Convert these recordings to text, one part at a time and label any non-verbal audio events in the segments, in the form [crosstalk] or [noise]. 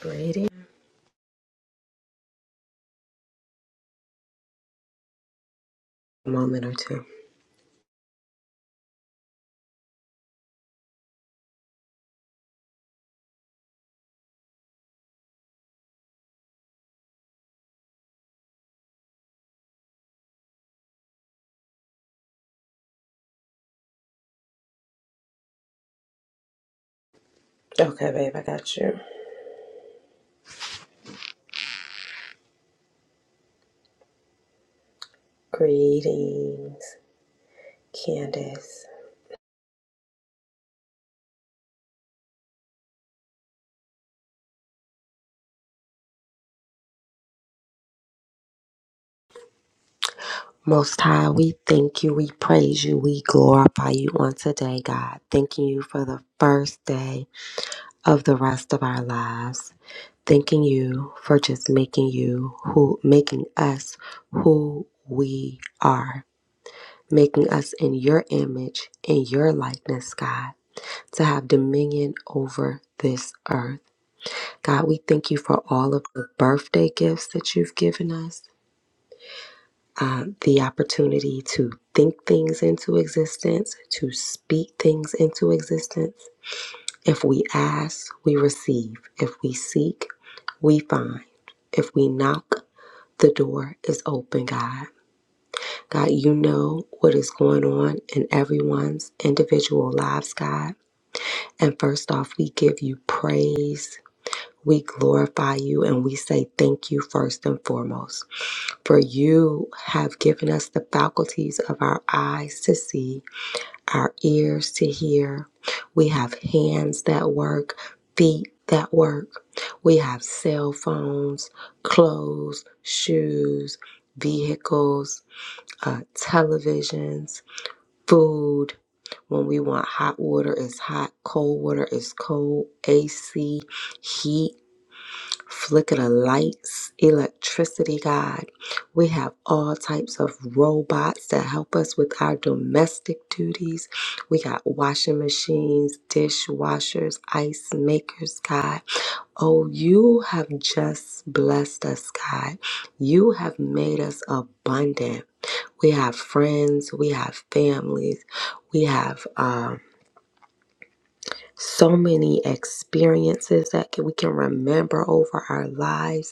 Greetings. A Moment or two. Okay, babe, I got you. Greetings, Candace. Most High, we thank you, we praise you, we glorify you on today, God. Thanking you for the first day of the rest of our lives. Thanking you for just making you who, making us who we are, making us in your image, in your likeness, God, to have dominion over this earth. God, we thank you for all of the birthday gifts that you've given us, uh, the opportunity to think things into existence, to speak things into existence. If we ask, we receive. If we seek, we find. If we knock, the door is open, God. God, you know what is going on in everyone's individual lives, God. And first off, we give you praise. We glorify you and we say thank you first and foremost. For you have given us the faculties of our eyes to see, our ears to hear. We have hands that work, feet that work. We have cell phones, clothes, shoes, vehicles, uh, televisions, food. When we want hot water, it's hot. Cold water is cold. AC, heat flicker the lights, electricity, God. We have all types of robots that help us with our domestic duties. We got washing machines, dishwashers, ice makers, God. Oh, you have just blessed us, God. You have made us abundant. We have friends, we have families, we have um, so many experiences that can, we can remember over our lives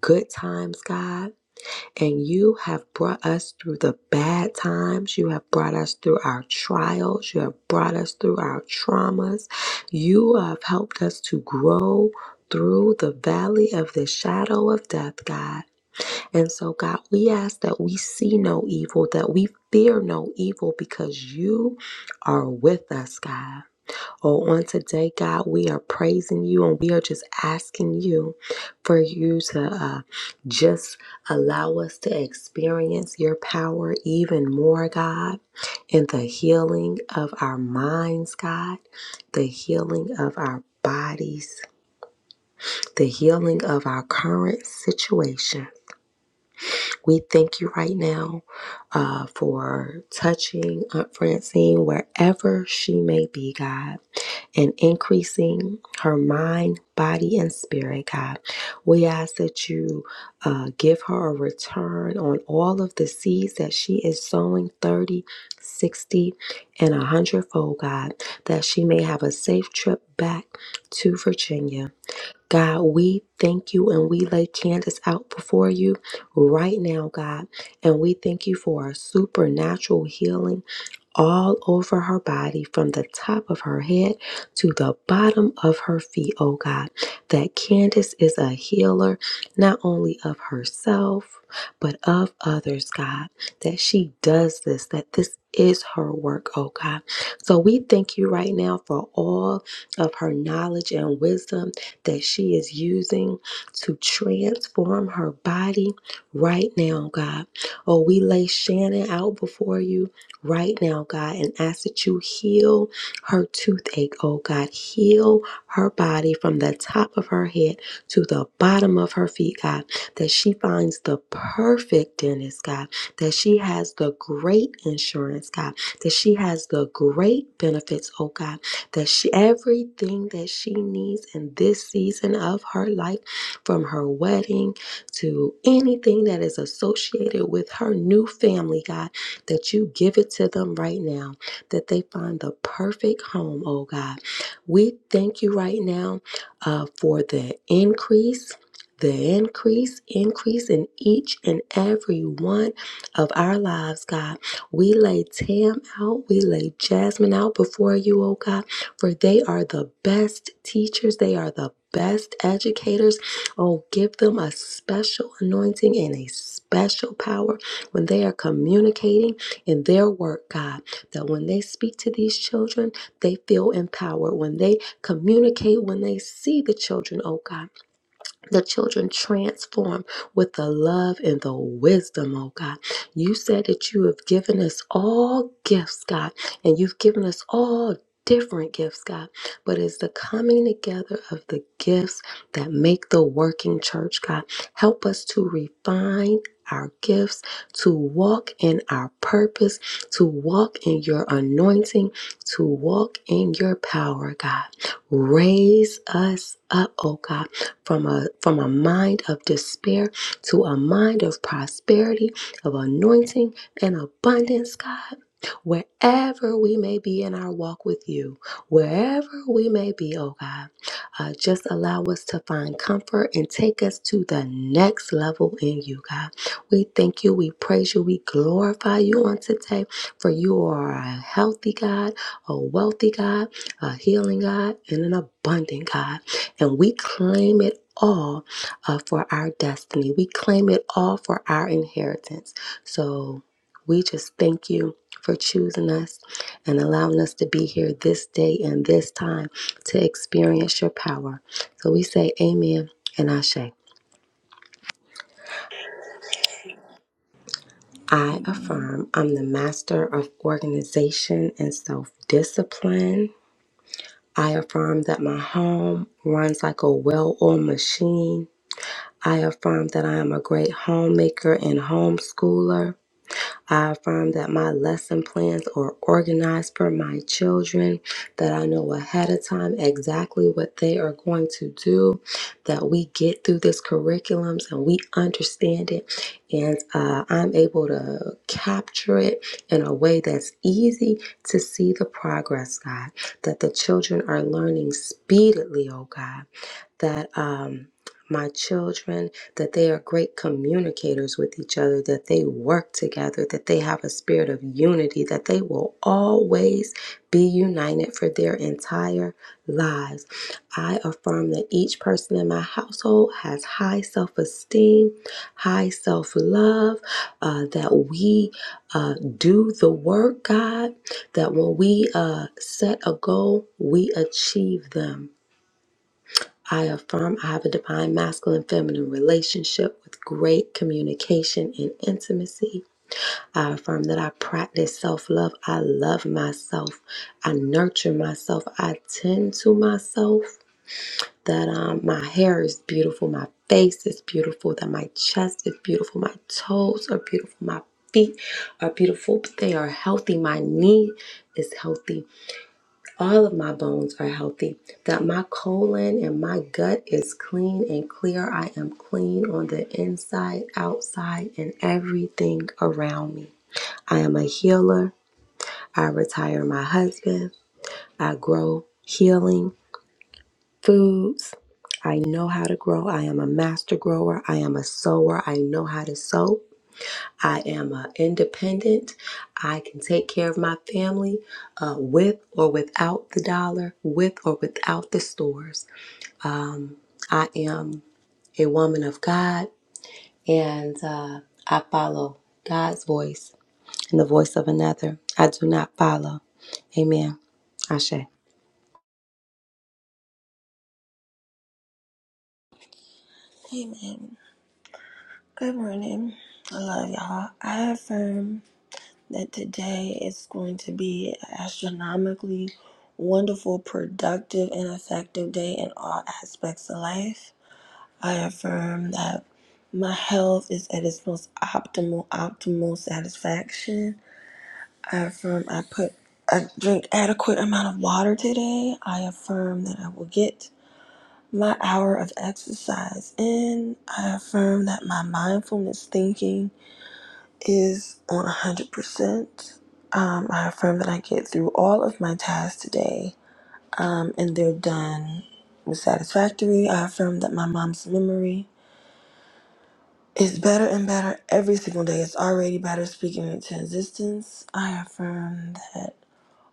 good times, God, and you have brought us through the bad times. You have brought us through our trials. You have brought us through our traumas. You have helped us to grow through the valley of the shadow of death, God. And so, God, we ask that we see no evil, that we fear no evil because you are with us, God. Well, on today, God, we are praising you and we are just asking you for you to uh, just allow us to experience your power even more, God, in the healing of our minds, God, the healing of our bodies, the healing of our current situation. We thank you right now uh, for touching Aunt Francine wherever she may be, God and increasing her mind, body, and spirit, God. We ask that you uh, give her a return on all of the seeds that she is sowing thirty, sixty, and a hundredfold, God, that she may have a safe trip back to Virginia. God, we thank you and we lay Candace out before you right now, God. And we thank you for a supernatural healing all over her body from the top of her head to the bottom of her feet, oh God. That Candace is a healer, not only of herself, but of others, God. That she does this, that this is her work, oh God. So we thank you right now for all of her knowledge and wisdom that she is using to transform her body right now, God. Oh, we lay Shannon out before you right now, God, and ask that you heal her toothache, oh God. Heal her body from the top of her head to the bottom of her feet, God. That she finds the perfect dentist, God. That she has the great insurance, God. That she has the great benefits, oh God. That she everything that she needs in this season of her life, from her wedding to anything that is associated with her new family, God that you give it to them right now, that they find the perfect home, oh God. We thank you right now uh, for the increase. The increase, increase in each and every one of our lives, God. We lay Tam out, we lay Jasmine out before you, oh God, for they are the best teachers, they are the best educators. Oh, give them a special anointing and a special power when they are communicating in their work, God, that when they speak to these children, they feel empowered. When they communicate, when they see the children, oh God, the children transformed with the love and the wisdom, oh God. You said that you have given us all gifts, God, and you've given us all different gifts, God. But it's the coming together of the gifts that make the working church, God. Help us to refine. Our gifts to walk in our purpose, to walk in your anointing, to walk in your power, God. Raise us up, oh God from a from a mind of despair to a mind of prosperity, of anointing and abundance, God. Wherever we may be in our walk with you, wherever we may be, oh God, uh, just allow us to find comfort and take us to the next level in you, God. We thank you, we praise you, we glorify you on today, for you are a healthy God, a wealthy God, a healing God, and an abundant God. And we claim it all uh, for our destiny. We claim it all for our inheritance. So we just thank you for choosing us and allowing us to be here this day and this time to experience your power. So we say, Amen and Ashe. I Amen. affirm I'm the master of organization and self discipline. I affirm that my home runs like a well oiled machine. I affirm that I am a great homemaker and homeschooler. I affirm that my lesson plans are organized for my children, that I know ahead of time exactly what they are going to do, that we get through this curriculum and we understand it, and uh, I'm able to capture it in a way that's easy to see the progress, God, that the children are learning speedily, oh God that um, my children that they are great communicators with each other that they work together that they have a spirit of unity that they will always be united for their entire lives i affirm that each person in my household has high self-esteem high self-love uh, that we uh, do the work god that when we uh, set a goal we achieve them I affirm I have a divine masculine feminine relationship with great communication and intimacy. I affirm that I practice self love. I love myself. I nurture myself. I tend to myself. That um, my hair is beautiful. My face is beautiful. That my chest is beautiful. My toes are beautiful. My feet are beautiful. They are healthy. My knee is healthy all of my bones are healthy, that my colon and my gut is clean and clear. I am clean on the inside, outside, and everything around me. I am a healer. I retire my husband. I grow healing foods. I know how to grow. I am a master grower. I am a sower. I know how to sow. I am uh, independent. I can take care of my family uh, with or without the dollar, with or without the stores. I am a woman of God and uh, I follow God's voice and the voice of another. I do not follow. Amen. Ashe. Amen. Good morning. I love y'all. I affirm that today is going to be an astronomically wonderful, productive, and effective day in all aspects of life. I affirm that my health is at its most optimal, optimal satisfaction. I affirm I put I drink adequate amount of water today. I affirm that I will get my hour of exercise in. I affirm that my mindfulness thinking is on 100%. Um, I affirm that I get through all of my tasks today um, and they're done with satisfactory. I affirm that my mom's memory is better and better every single day. It's already better speaking into existence. I affirm that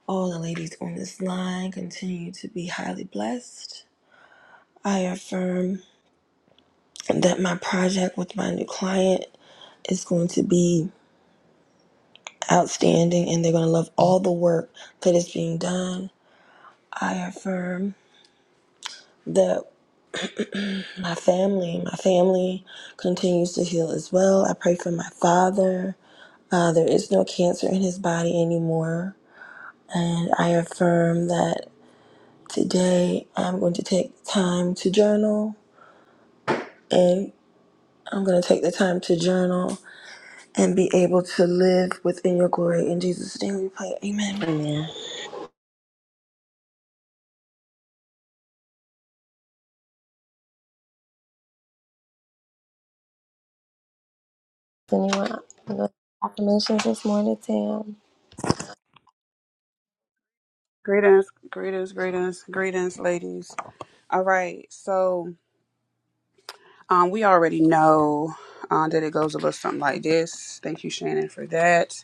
all the ladies on this line continue to be highly blessed. I affirm that my project with my new client is going to be outstanding and they're going to love all the work that is being done. I affirm that my family, my family continues to heal as well. I pray for my father. Uh, there is no cancer in his body anymore. And I affirm that today I'm going to take the time to journal and I'm going to take the time to journal and be able to live within your glory. In Jesus' name we pray. Amen. Amen. Anyone have any affirmations this morning, Tam? Greetings, greetings, greetings, greetings, ladies. All right, so um, we already know uh, that it goes a little something like this. Thank you, Shannon, for that.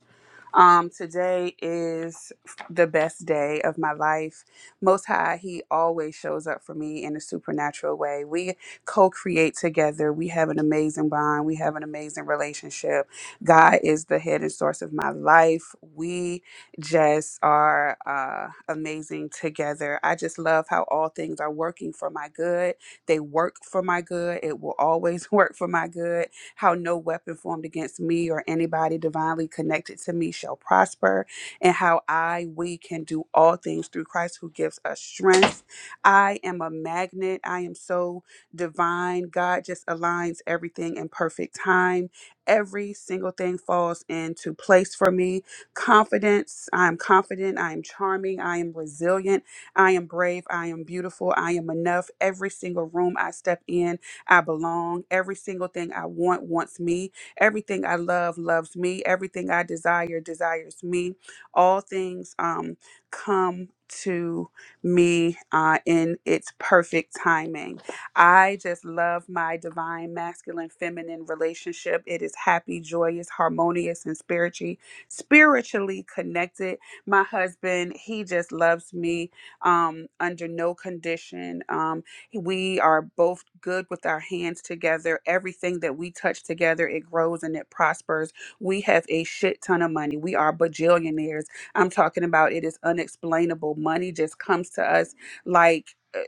Um, today is the best day of my life. Most High, He always shows up for me in a supernatural way. We co create together. We have an amazing bond. We have an amazing relationship. God is the head and source of my life. We just are uh, amazing together. I just love how all things are working for my good. They work for my good. It will always [laughs] work for my good how no weapon formed against me or anybody divinely connected to me shall prosper, and how I, we can do all things through Christ who gives us strength. I am a magnet. I am so divine. God just aligns everything in perfect time. Every single thing falls into place for me. Confidence. I am confident. I am charming. I am resilient. I am brave. I am beautiful. I am enough. Every single room I step in, I belong. Every single thing I want wants me. Everything I love loves me. Everything I desire desires me. All things um, come to me uh, in its perfect timing. I just love my divine masculine feminine relationship. It is happy, joyous, harmonious, and spiritually spiritually connected. My husband, he just loves me um, under no condition. Um, we are both good with our hands together. Everything that we touch together, it grows and it prospers. We have a shit ton of money. We are bajillionaires. I'm talking about it is unexplainable. Money just comes to us like uh,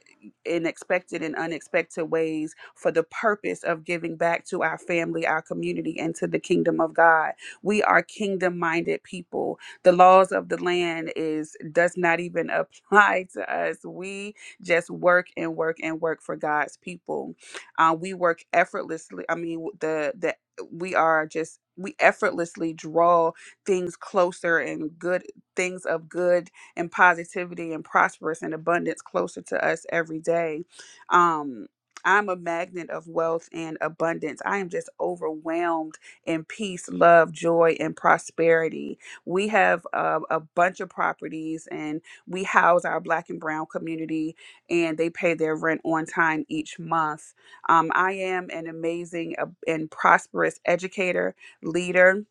in expected and unexpected ways for the purpose of giving back to our family, our community, and to the kingdom of God. We are kingdom minded people. The laws of the land is does not even [laughs] apply to us. We just work and work and work for God's people. Uh, we work effortlessly. I mean, the the we are just we effortlessly draw things closer and good things of good and positivity and prosperous and abundance closer to us every day. Um, I'm a magnet of wealth and abundance. I am just overwhelmed in peace, love, joy, and prosperity. We have uh, a bunch of properties and we house our black and brown community and they pay their rent on time each month. Um, I am an amazing uh, and prosperous educator, leader,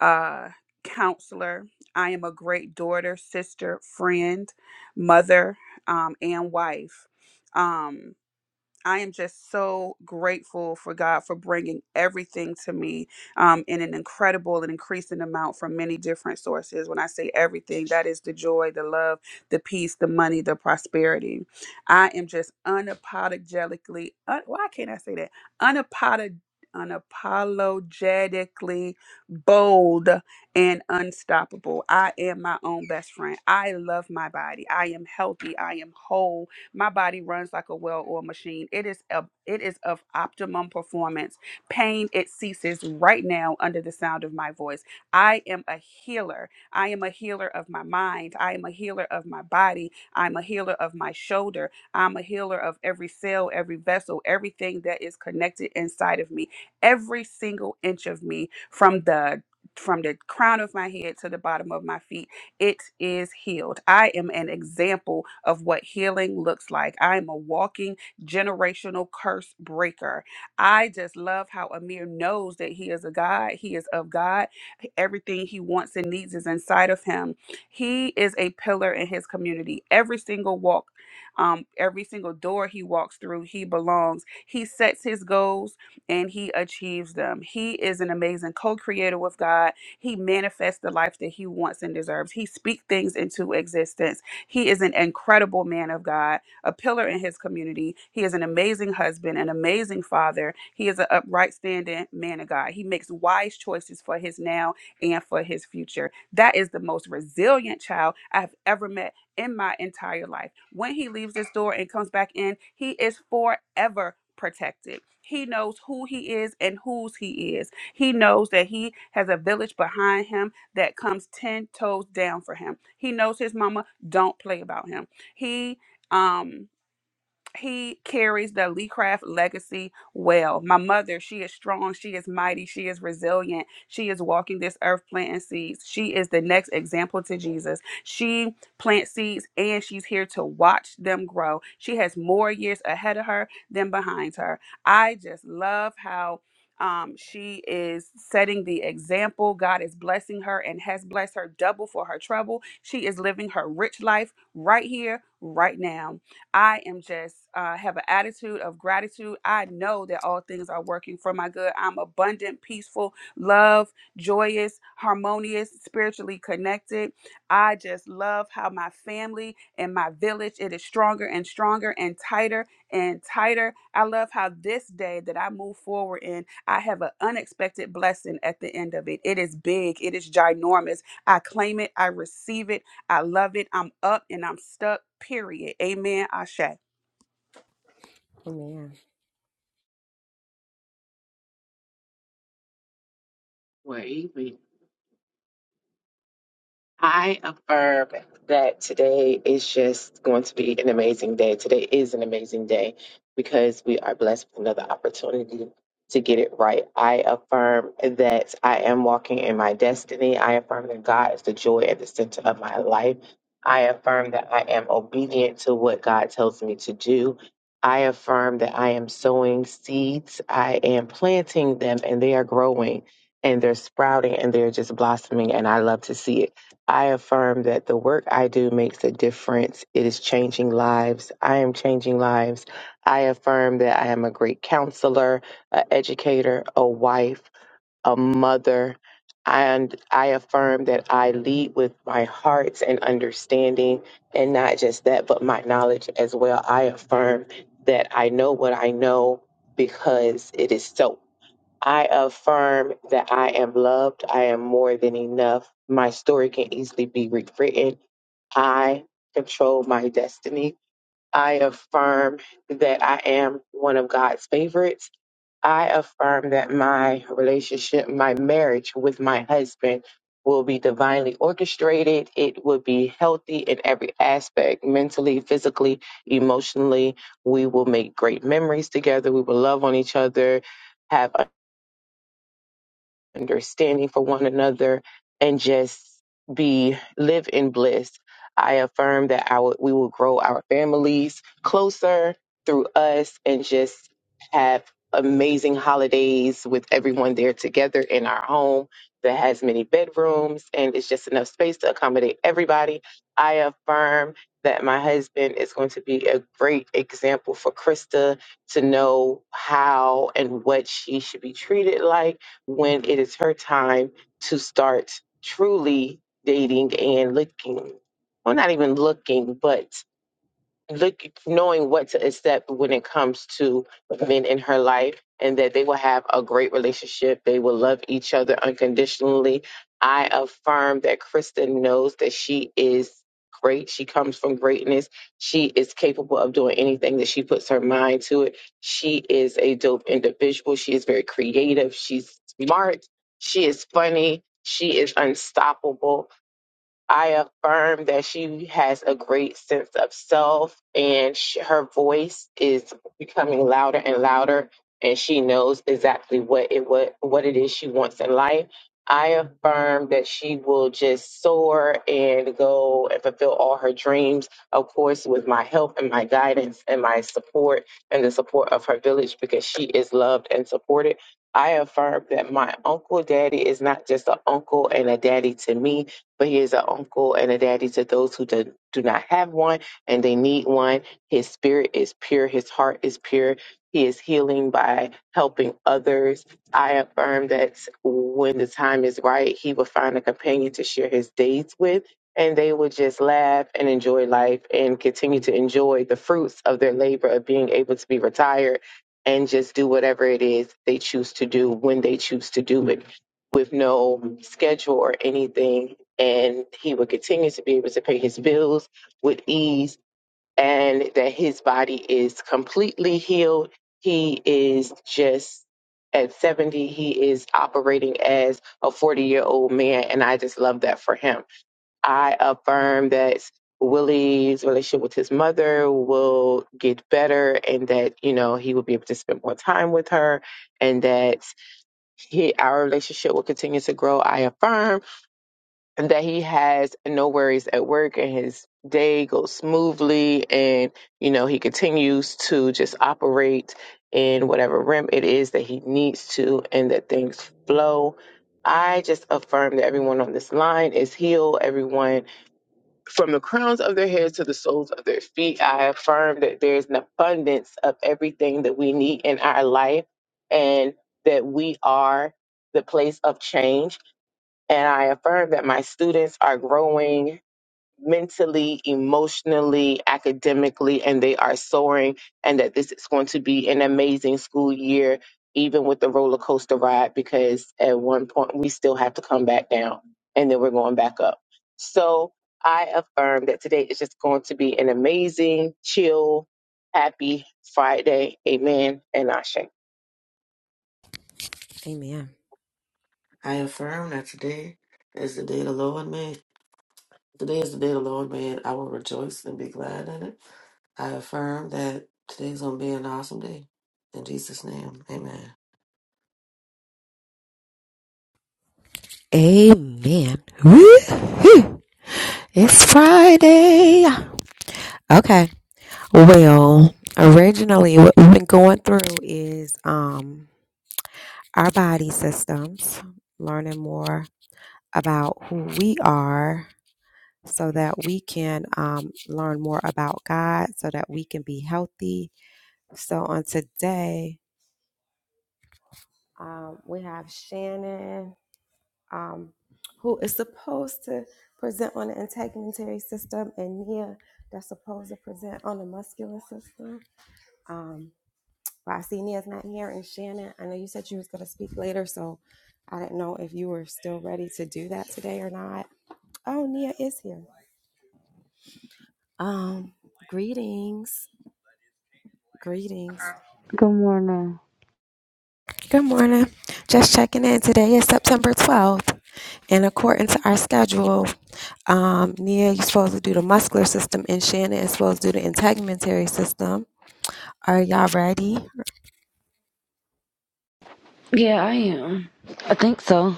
uh, counselor. I am a great daughter, sister, friend, mother, um, and wife. Um, I am just so grateful for God for bringing everything to me um, in an incredible and increasing amount from many different sources. When I say everything, that is the joy, the love, the peace, the money, the prosperity. I am just unapologetically, un- why can't I say that? Unapolog- unapologetically bold and unstoppable. I am my own best friend. I love my body. I am healthy. I am whole. My body runs like a well-oiled machine. It is a, it is of optimum performance. Pain it ceases right now under the sound of my voice. I am a healer. I am a healer of my mind. I am a healer of my body. I'm a healer of my shoulder. I'm a healer of every cell, every vessel, everything that is connected inside of me. Every single inch of me from the from the crown of my head to the bottom of my feet it is healed. I am an example of what healing looks like. I am a walking generational curse breaker. I just love how Amir knows that he is a God. He is of God. Everything he wants and needs is inside of him. He is a pillar in his community. Every single walk, um, every single door he walks through, he belongs. He sets his goals and he achieves them. He is an amazing co creator with God he manifests the life that he wants and deserves. He speaks things into existence. He is an incredible man of God, a pillar in his community. He is an amazing husband, an amazing father. He is an upright, standing man of God. He makes wise choices for his now and for his future. That is the most resilient child I've ever met in my entire life. When he leaves this door and comes back in, he is forever protected. He knows who he is and whose he is he knows that he has a village behind him that comes 10 toes down for him. He knows his mama don't play about him. He um he carries the Lee Craft legacy well. My mother, she is strong, she is mighty, she is resilient. She is walking this earth planting seeds. She is the next example to Jesus. She plants seeds and she's here to watch them grow. She has more years ahead of her than behind her. I just love how um, she is setting the example. God is blessing her and has blessed her double for her trouble. She is living her rich life right here, right now. I am just uh, have an attitude of gratitude. I know that all things are working for my good. I'm abundant, peaceful, love, joyous, harmonious, spiritually connected. I just love how my family and my village it is stronger and stronger and tighter and tighter. I love how this day that I move forward in, I have an unexpected blessing at the end of it. It is big. It is ginormous. I claim it. I receive it. I love it. I'm up and I'm stuck. Period. Amen. Ashe. I Amen. Where he be? I affirm that today is just going to be an amazing day. Today is an amazing day because we are blessed with another opportunity to get it right. I affirm that I am walking in my destiny. I affirm that God is the joy at the center of my life. I affirm that I am obedient to what God tells me to do. I affirm that I am sowing seeds. I am planting them and they are growing and they're sprouting and they're just blossoming and I love to see it. I affirm that the work I do makes a difference. It is changing lives. I am changing lives. I affirm that I am a great counselor, an educator, a wife, a mother. And I affirm that I lead with my heart and understanding, and not just that, but my knowledge as well. I affirm that I know what I know because it is so. I affirm that I am loved. I am more than enough. My story can easily be rewritten. I control my destiny. I affirm that I am one of God's favorites. I affirm that my relationship, my marriage with my husband will be divinely orchestrated. It will be healthy in every aspect, mentally, physically, emotionally. We will make great memories together. We will love on each other, have understanding for one another and just be live in bliss. I affirm that our we will grow our families closer through us and just have amazing holidays with everyone there together in our home that has many bedrooms and it's just enough space to accommodate everybody. I affirm that my husband is going to be a great example for Krista to know how and what she should be treated like when it is her time to start truly dating and looking. Well, not even looking, but look knowing what to accept when it comes to men in her life and that they will have a great relationship they will love each other unconditionally i affirm that kristen knows that she is great she comes from greatness she is capable of doing anything that she puts her mind to it she is a dope individual she is very creative she's smart she is funny she is unstoppable I affirm that she has a great sense of self and sh her voice is becoming louder and louder and she knows exactly what it what, what it is she wants in life. I affirm that she will just soar and go and fulfill all her dreams, of course, with my help and my guidance and my support and the support of her village because she is loved and supported. I affirm that my uncle daddy is not just an uncle and a daddy to me, but he is an uncle and a daddy to those who do, do not have one and they need one. His spirit is pure, his heart is pure. He is healing by helping others. I affirm that when the time is right, he will find a companion to share his days with, and they will just laugh and enjoy life and continue to enjoy the fruits of their labor of being able to be retired and just do whatever it is they choose to do when they choose to do it with no schedule or anything and he will continue to be able to pay his bills with ease and that his body is completely healed. He is just at 70, he is operating as a 40 year old man, and I just love that for him. I affirm that Willie's relationship with his mother will get better and that, you know, he will be able to spend more time with her and that he, our relationship will continue to grow. I affirm and that he has no worries at work and his day goes smoothly and you know he continues to just operate in whatever rim it is that he needs to and that things flow i just affirm that everyone on this line is healed everyone from the crowns of their heads to the soles of their feet i affirm that there's an abundance of everything that we need in our life and that we are the place of change and I affirm that my students are growing mentally, emotionally, academically, and they are soaring, and that this is going to be an amazing school year, even with the roller coaster ride, because at one point we still have to come back down and then we're going back up. So I affirm that today is just going to be an amazing, chill, happy Friday. Amen and Ashe. Amen. I affirm that today is the day the Lord made. Today is the day the Lord made. I will rejoice and be glad in it. I affirm that today's going to be an awesome day. In Jesus' name, amen. Amen. Woo-hoo. It's Friday. Okay. Well, originally, what we've been going through is um, our body systems, learning more about who we are so that we can um, learn more about God, so that we can be healthy. So, on today, um, we have Shannon, um, who is supposed to present on the integumentary system, and Nia, that's supposed to present on the muscular system. um. Vasinia's not here, and Shannon, I know you said you was going to speak later, so I didn't know if you were still ready to do that today or not. Oh, Nia is here. Um, greetings, greetings. Good morning. Good morning. Just checking in. Today is September twelfth, and according to our schedule, um, Nia, you're supposed to do the muscular system, and Shannon is supposed to do the integumentary system. Are y'all ready? Yeah, I am. I think so.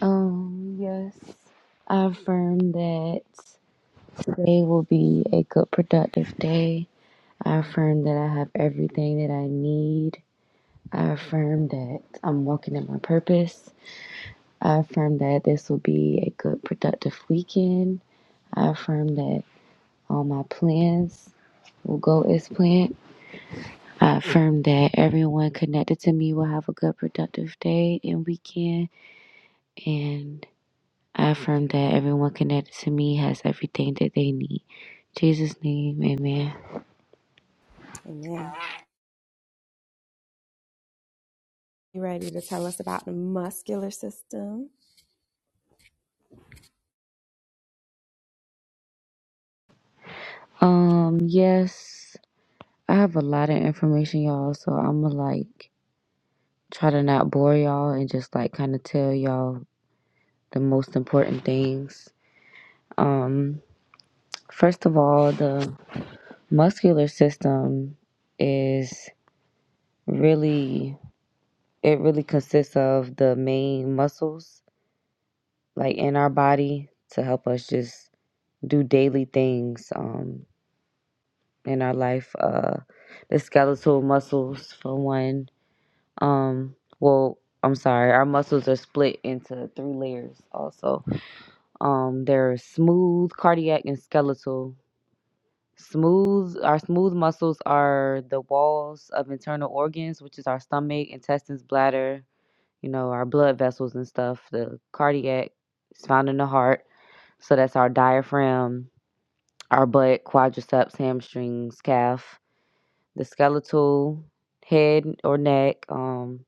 Um, yes, I affirm that today will be a good, productive day. I affirm that I have everything that I need. I affirm that I'm walking in my purpose. I affirm that this will be a good, productive weekend. I affirm that all my plans will go as planned. I affirm that everyone connected to me will have a good, productive day and weekend. And I affirm that everyone connected to me has everything that they need. Jesus' name, amen. Amen. You ready to tell us about the muscular system? Um, yes, I have a lot of information, y'all, so I'm gonna like try to not bore y'all and just like kind of tell y'all the most important things. Um, first of all, the muscular system is really it really consists of the main muscles like in our body to help us just do daily things um, in our life. Uh, the skeletal muscles, for one. Um, well, I'm sorry, our muscles are split into three layers also. Um, they're smooth, cardiac, and skeletal. Smooth, our smooth muscles are the walls of internal organs, which is our stomach, intestines, bladder, you know, our blood vessels and stuff. The cardiac is found in the heart. So that's our diaphragm, Our butt, quadriceps, hamstrings, calf, the skeletal, head or neck, um,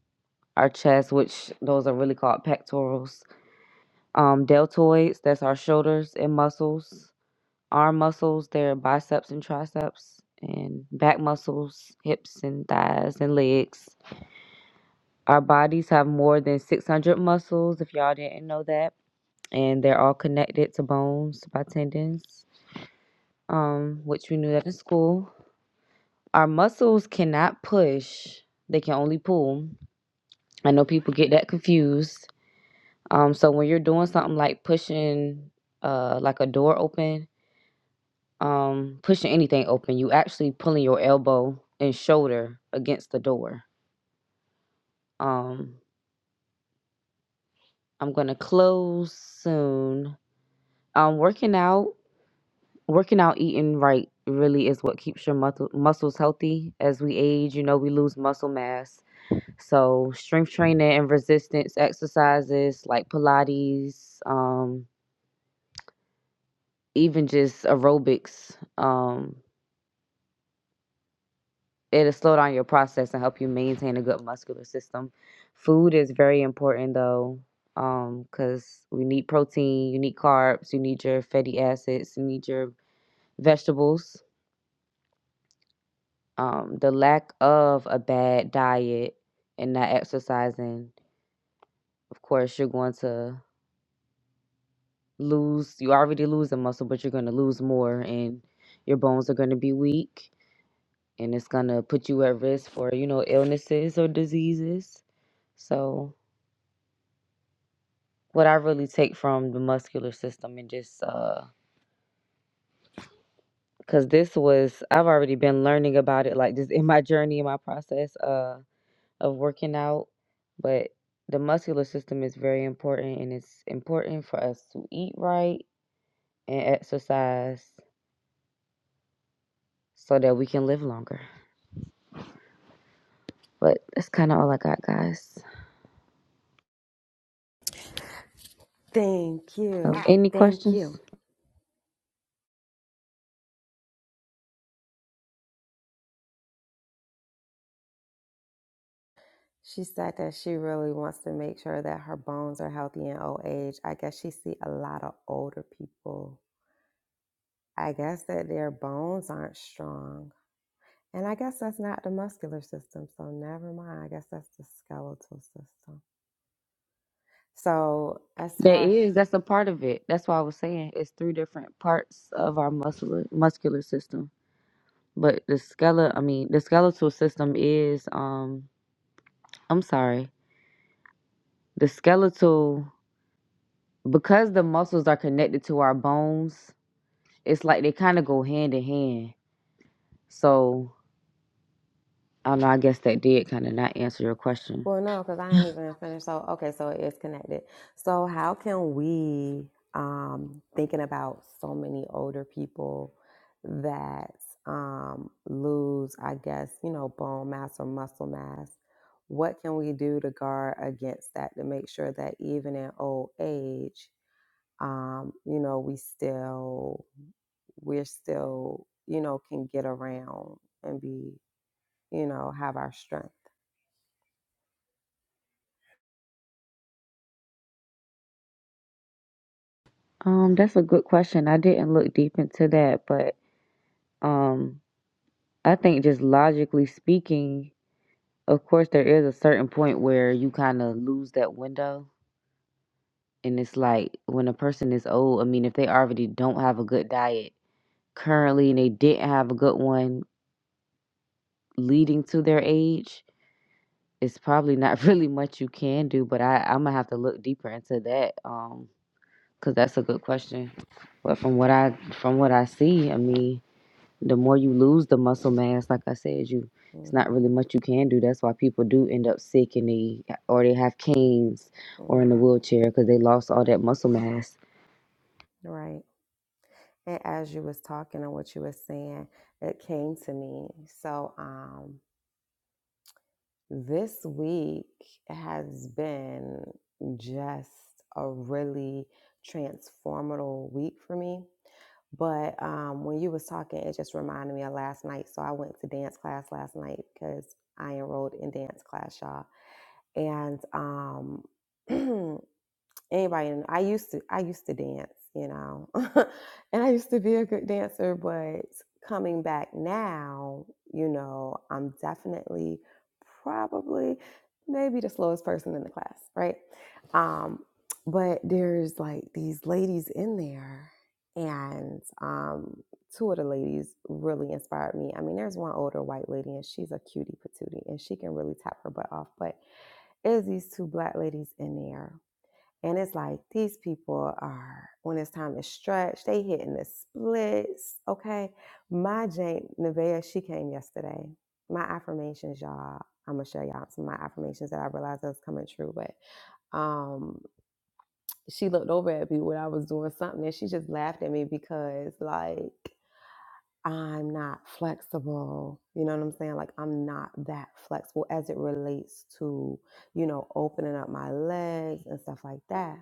our chest, which those are really called pectorals, um, deltoids, that's our shoulders and muscles, arm muscles, they're biceps and triceps, and back muscles, hips and thighs and legs. Our bodies have more than 600 muscles, if y'all didn't know that, and they're all connected to bones by tendons, um, which we knew that in school. Our muscles cannot push, they can only pull. I know people get that confused. Um, so when you're doing something like pushing uh like a door open, um, pushing anything open, you actually pulling your elbow and shoulder against the door. Um, I'm gonna close soon. Um, working out, working out, eating right really is what keeps your muscle muscles healthy as we age. You know, we lose muscle mass So strength training and resistance exercises like Pilates, um, even just aerobics, um, it'll slow down your process and help you maintain a good muscular system. Food is very important though, because we need protein, you need carbs, you need your fatty acids, you need your vegetables. Um, the lack of a bad diet and not exercising, of course, you're going to lose you're already losing muscle but you're going to lose more and your bones are going to be weak and it's going to put you at risk for you know illnesses or diseases so what i really take from the muscular system and just uh because this was i've already been learning about it like just in my journey in my process uh of working out but the muscular system is very important and it's important for us to eat right and exercise so that we can live longer But that's kind of all I got, guys. Thank So, you. any Thank questions? you. She said that she really wants to make sure that her bones are healthy in old age. I guess she see a lot of older people. I guess that their bones aren't strong. And I guess that's not the muscular system, so never mind. I guess that's the skeletal system. So as There far is. That's a part of it. That's why I was saying it's three different parts of our muscular muscular system. But the skeletal, I mean, the skeletal system is. Um, I'm sorry. The skeletal, because the muscles are connected to our bones, it's like they kind of go hand in hand. So I don't know. I guess that did kind of not answer your question. Well, no, because I ain't even finished. So, okay, so it is connected. So, how can we, um, thinking about so many older people that um, lose, I guess, you know, bone mass or muscle mass, what can we do to guard against that to make sure that even in old age, um, you know, we still, we're still, you know, can get around and be, you know, have our strength. Um, that's a good question. I didn't look deep into that, but um I think just logically speaking, of course there is a certain point where you kind of lose that window and it's like when a person is old, I mean if they already don't have a good diet currently and they didn't have a good one leading to their age, it's probably not [laughs] really much you can do, but I I'm going to have to look deeper into that um cuz that's a good question. But from what I from what I see, I mean the more you lose the muscle mass, like I said, you it's not really Mm, much you can do. That's why people do end up sick and they or they have canes or in the mhm. wheelchair because they lost all that muscle mass. Right. And as you was talking and what you was saying, it came to me. So um this week has been just a really transformative week for me. But um, when you was talking, it just reminded me of last night. So I went to dance class last night because I enrolled in dance class, y'all. And um, [clears throat] anybody in I used to I used to dance, you know. [laughs] and I used to be a good dancer, but coming back now, you know, I'm definitely probably maybe the slowest person in the class, right? Um but there's like these ladies in there and um two of the ladies really inspired me. I mean, there's one older white lady and she's a cutie patootie and she can really tap her butt off, but is these two black ladies in there and it's like these people are when it's time to stretch, they hitting the splits. Okay. My Jane Nevaeh, she came yesterday. My affirmations, y'all. I'm gonna show y'all some of my affirmations that I realized that was coming true. But um she looked over at me when I was doing something and she just laughed at me because like I'm not flexible. You know what I'm saying? Like I'm not that flexible as it relates to, you know, opening up my legs and stuff like that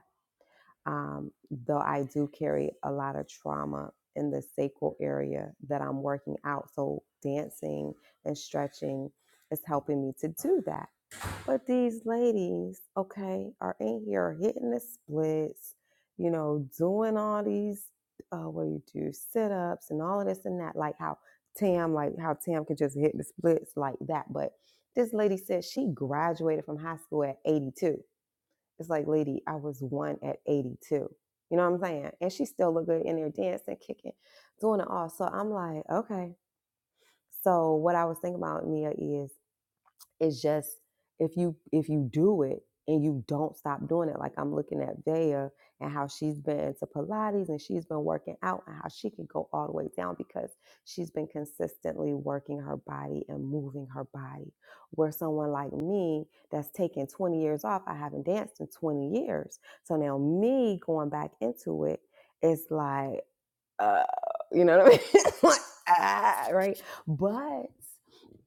um, though I do carry a lot of trauma in the sacral area that I'm working out. So dancing and stretching is helping me to do that. But these ladies, okay, are in here hitting the splits, you know, doing all these, uh, what do you do, sit ups and all of this and that, like how Tam, like how Tam can just hit the splits like that. But this lady said she graduated from high school at 82 it's like, lady, I was one at 82. You know what I'm saying? And she still look good in there dancing, kicking, doing it all. So I'm like, okay. So what I was thinking about, Nia, is it's just if you if you do it and you don't stop doing it, like I'm looking at Vea and how she's been to Pilates and she's been working out and how she can go all the way down because she's been consistently working her body and moving her body. Where someone like me that's taken 20 years off, I haven't danced in 20 years. So now me going back into it, it's like uh, you know what I mean? [laughs] like, ah, right? But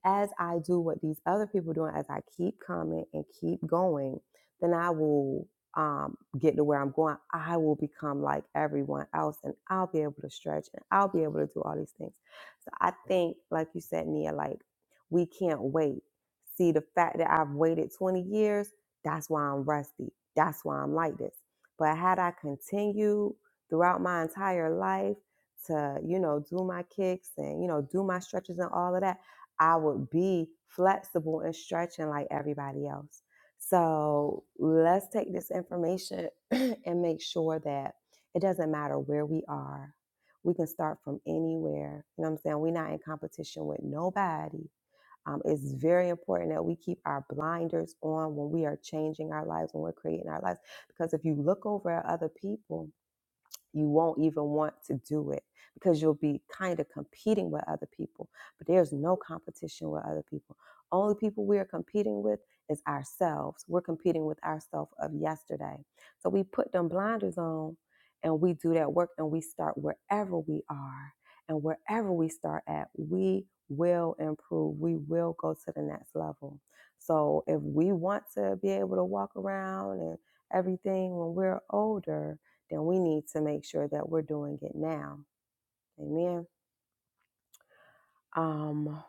as I do what these other people are doing, as I keep coming and keep going, then I will um, get to where I'm going. I will become like everyone else and I'll be able to stretch and I'll be able to do all these things. So I think, like you said, Nia, like we can't wait. See, the fact that I've waited 20 years, that's why I'm rusty. That's why I'm like this. But had I continued throughout my entire life, to you know do my kicks and you know do my stretches and all of that i would be flexible and stretching like everybody else so let's take this information [clears throat] and make sure that it doesn't matter where we are we can start from anywhere you know what i'm saying we're not in competition with nobody um, it's very important that we keep our blinders on when we are changing our lives when we're creating our lives because if you look over at other people you won't even want to do it because you'll be kind of competing with other people. But there's no competition with other people. Only people we are competing with is ourselves. We're competing with ourselves of yesterday. So we put them blinders on and we do that work and we start wherever we are. And wherever we start at, we will improve. We will go to the next level. So if we want to be able to walk around and everything when we're older, then we need to make sure that we're doing it now. Amen. Um,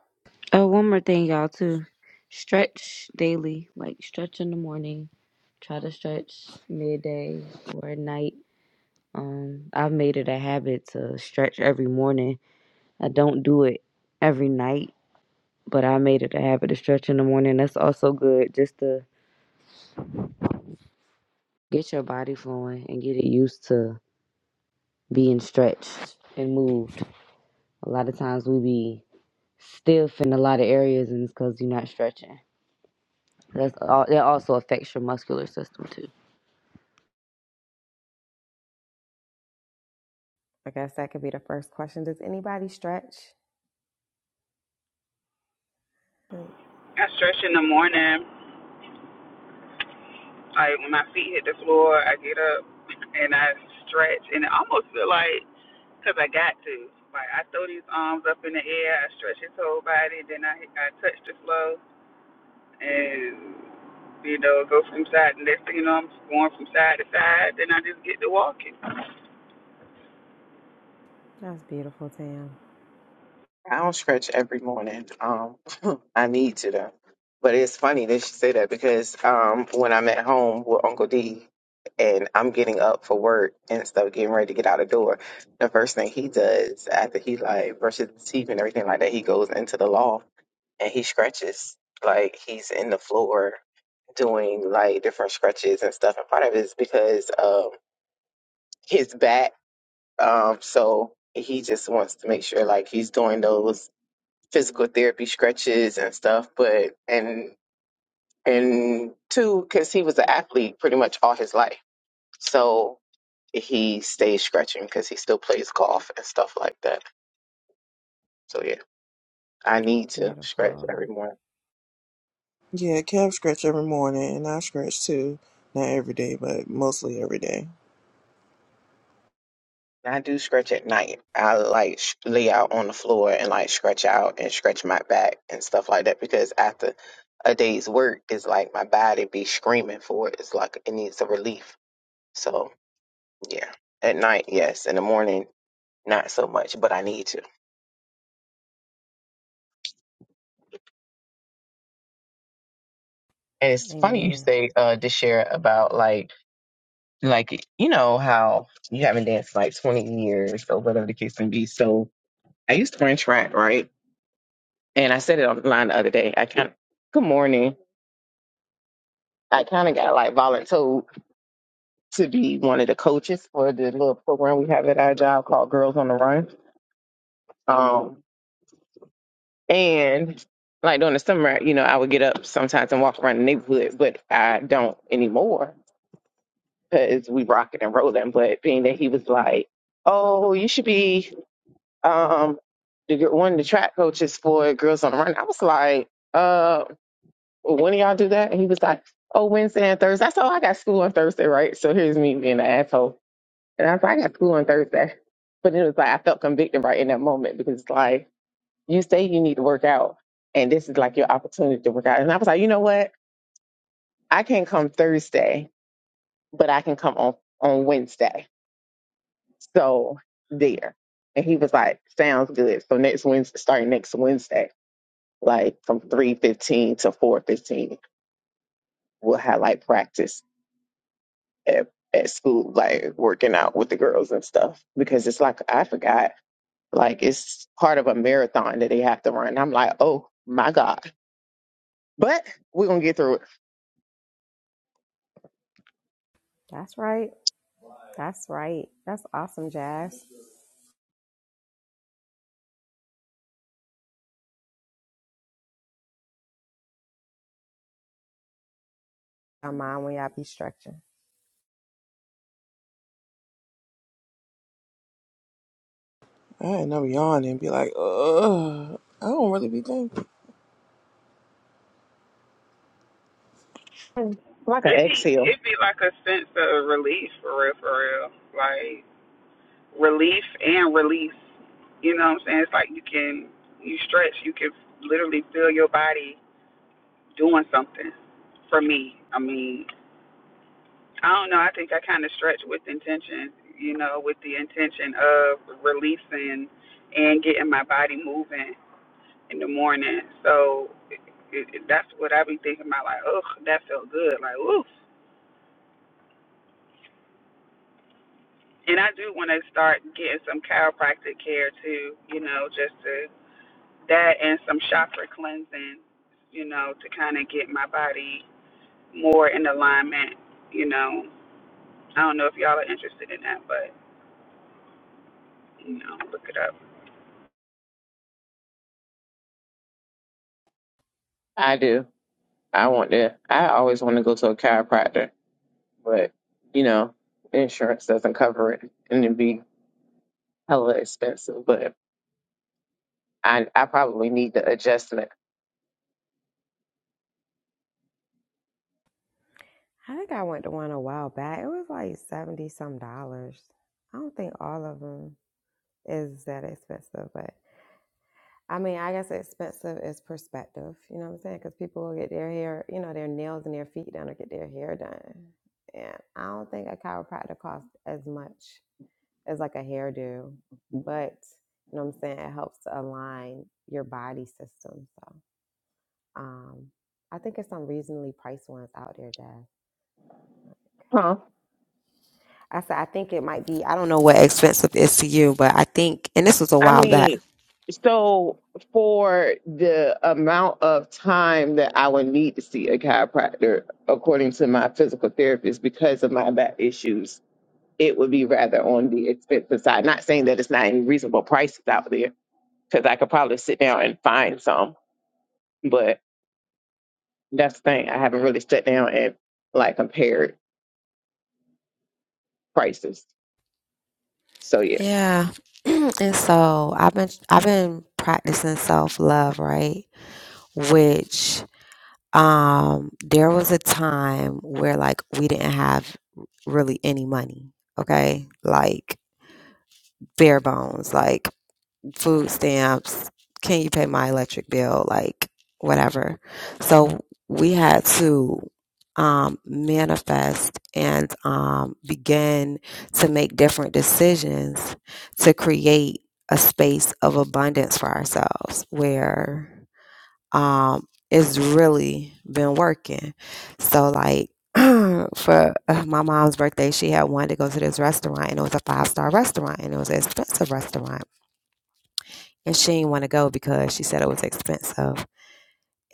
Oh, one more thing, y'all too. Stretch daily, like stretch in the morning. Try to stretch midday or at night. Um, I've made it a habit to stretch every morning. I don't do it every night, but I made it a habit to stretch in the morning. That's also good, just to Get your body flowing and get it used to being stretched and moved. A lot of times we be stiff in a lot of areas and it's because you're not stretching. That's all, that also affects your muscular system too. I guess that could be the first question. Does anybody stretch? Uh, stretch in the morning. Like when my feet hit the floor, I get up and I stretch, and it almost feel like because I got to. Like I throw these arms up in the air, I stretch his whole body, then I I touch the floor, and you know go from side. And next thing you know, I'm going from side to side. Then I just get to walking. That's beautiful, Tam. I don't stretch every morning. Um, [laughs] I need to though. But it's funny that she say that because um, when I'm at home with Uncle D and I'm getting up for work and stuff, getting ready to get out the door, the first thing he does after he like brushes his teeth and everything like that, he goes into the loft and he scratches. Like he's in the floor doing like different scratches and stuff. And part of it is because um, his back. Um, so he just wants to make sure like he's doing those physical therapy stretches and stuff, but and and two, because he was an athlete pretty much all his life, so he stays stretching because he still plays golf and stuff like that. So yeah, I need to stretch Beautiful. every morning. Yeah, calf scratch every morning, and I scratch too. Not every day, but mostly every day. And I do stretch at night. I like sh- lay out on the floor and like stretch out and stretch my back and stuff like that because after a day's work, it's like my body be screaming for it. It's like it needs a relief. So yeah, at night, yes. In the morning. not so much, but I need to. And it's funny you Amen. say, uh, to share about like, like you know how you haven't danced like twenty years or whatever the case may be. So I used to run track, right? And I said it online the other day. I kind of good morning. I kind of got like volunteered to be one of the coaches for the little program we have at our job called Girls on the Run. Um, and like during the summer, you know, I would get up sometimes and walk around the neighborhood, but I don't anymore because we rocking and rolling. But being that he was like, "Oh, you should be um the gir- one of the track coaches for Girls on the Run," I was like, "Uh, when do y'all do that?" And he was like, "Oh, Wednesday and Thursday." I said, "Oh, I got school on Thursday, right?" So here's me being an asshole, and I was like, "I got school on Thursday," but it was like I felt convicted right in that moment because it's like you say you need to work out, and this is like your opportunity to work out. And I was like, you know what? I can't come Thursday, but I can come on on Wednesday So there. And he was like, sounds good. So next Wednesday, starting next Wednesday, like from 3.15 to 4.15, we'll have like practice at, at school, like working out with the girls and stuff. Because it's like, I forgot, like it's part of a marathon that they have to run. I'm like, oh my God. But we're going to get through it. That's right. That's right. That's awesome, Jazz. I mind when y'all be stretching. I end up yawning and be like, ugh, I don't really be thinking. Mm, Like an It be exhale. it be like a sense of relief for real, for real. Like. relief and release. You know what I'm saying? It's like you can you stretch, you can literally feel your body doing something. For me, I mean, I don't know. I think I kind of stretch with intention. You know, with the intention of releasing and getting my body moving in the morning. So it, it, that's what I be thinking about. Like, oh, that felt good. Like, oof. And I do want to start getting some chiropractic care too. You know, just to that and some chakra cleansing, you know, to kind of get my body more in alignment, you know. I don't know if y'all are interested in that, but you know, look it up. I do. I want to, I always want to go to a chiropractor, but you know, insurance doesn't cover it. And it'd be hella expensive, but I I probably need the adjustment. I think I went to one a while back. It was like seventy some dollars. I don't think all of them is that expensive, but I mean, I guess expensive is perspective. You know what I'm saying? Because people will get their hair, you know, their nails and their feet done, or get their hair done. And I don't think a chiropractor costs as much as like a hairdo, but you know what I'm saying? It helps to align your body system. So um, I think it's some reasonably priced ones out there, Jazz. Huh. I said, I think it might be, I don't know what expensive is to you, but I think, and this was a I while back. mean, so for the amount of time that I would need to see a chiropractor, according to my physical therapist, because of my back issues, it would be rather on the expensive side. Not saying that it's not any reasonable prices out there, because I could probably sit down and find some, but that's the thing. I haven't really sat down and like compared prices. So yeah, Yeah. [clears throat] and so I've been, I've been practicing self love, right? Which, um, there was a time where like we didn't have really any money. Okay. Like bare bones. Like food stamps, can you pay my electric bill, like whatever. So we had to um, manifest and um, begin to make different decisions to create a space of abundance for ourselves where um, it's really been working. So, like, [clears throat] for uh, my mom's birthday, she had wanted to go to this restaurant, and it was a five star restaurant, and it was an expensive restaurant and she didn't want to go because she said it was expensive.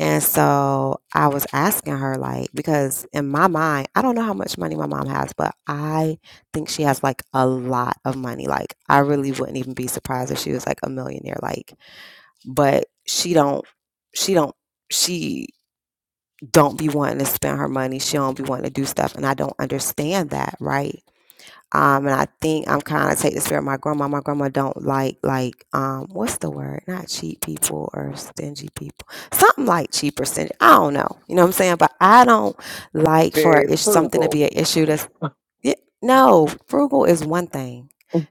And so I was asking her, like, because in my mind, I don't know how much money my mom has, but I think she has like a lot of money. Like, I really wouldn't even be surprised if she was like a millionaire. Like, but she don't, she don't, she don't be wanting to spend her money. She don't be wanting to do stuff, and I don't understand that, right? Um, and I think I'm kind of take the spirit of my grandma. My grandma don't like like um, what's the word? Not cheap people or stingy people. Something like cheap or stingy. I don't know. You know what I'm saying? But I don't like for very it's something to frugal be an issue. That's yeah, no frugal is one thing.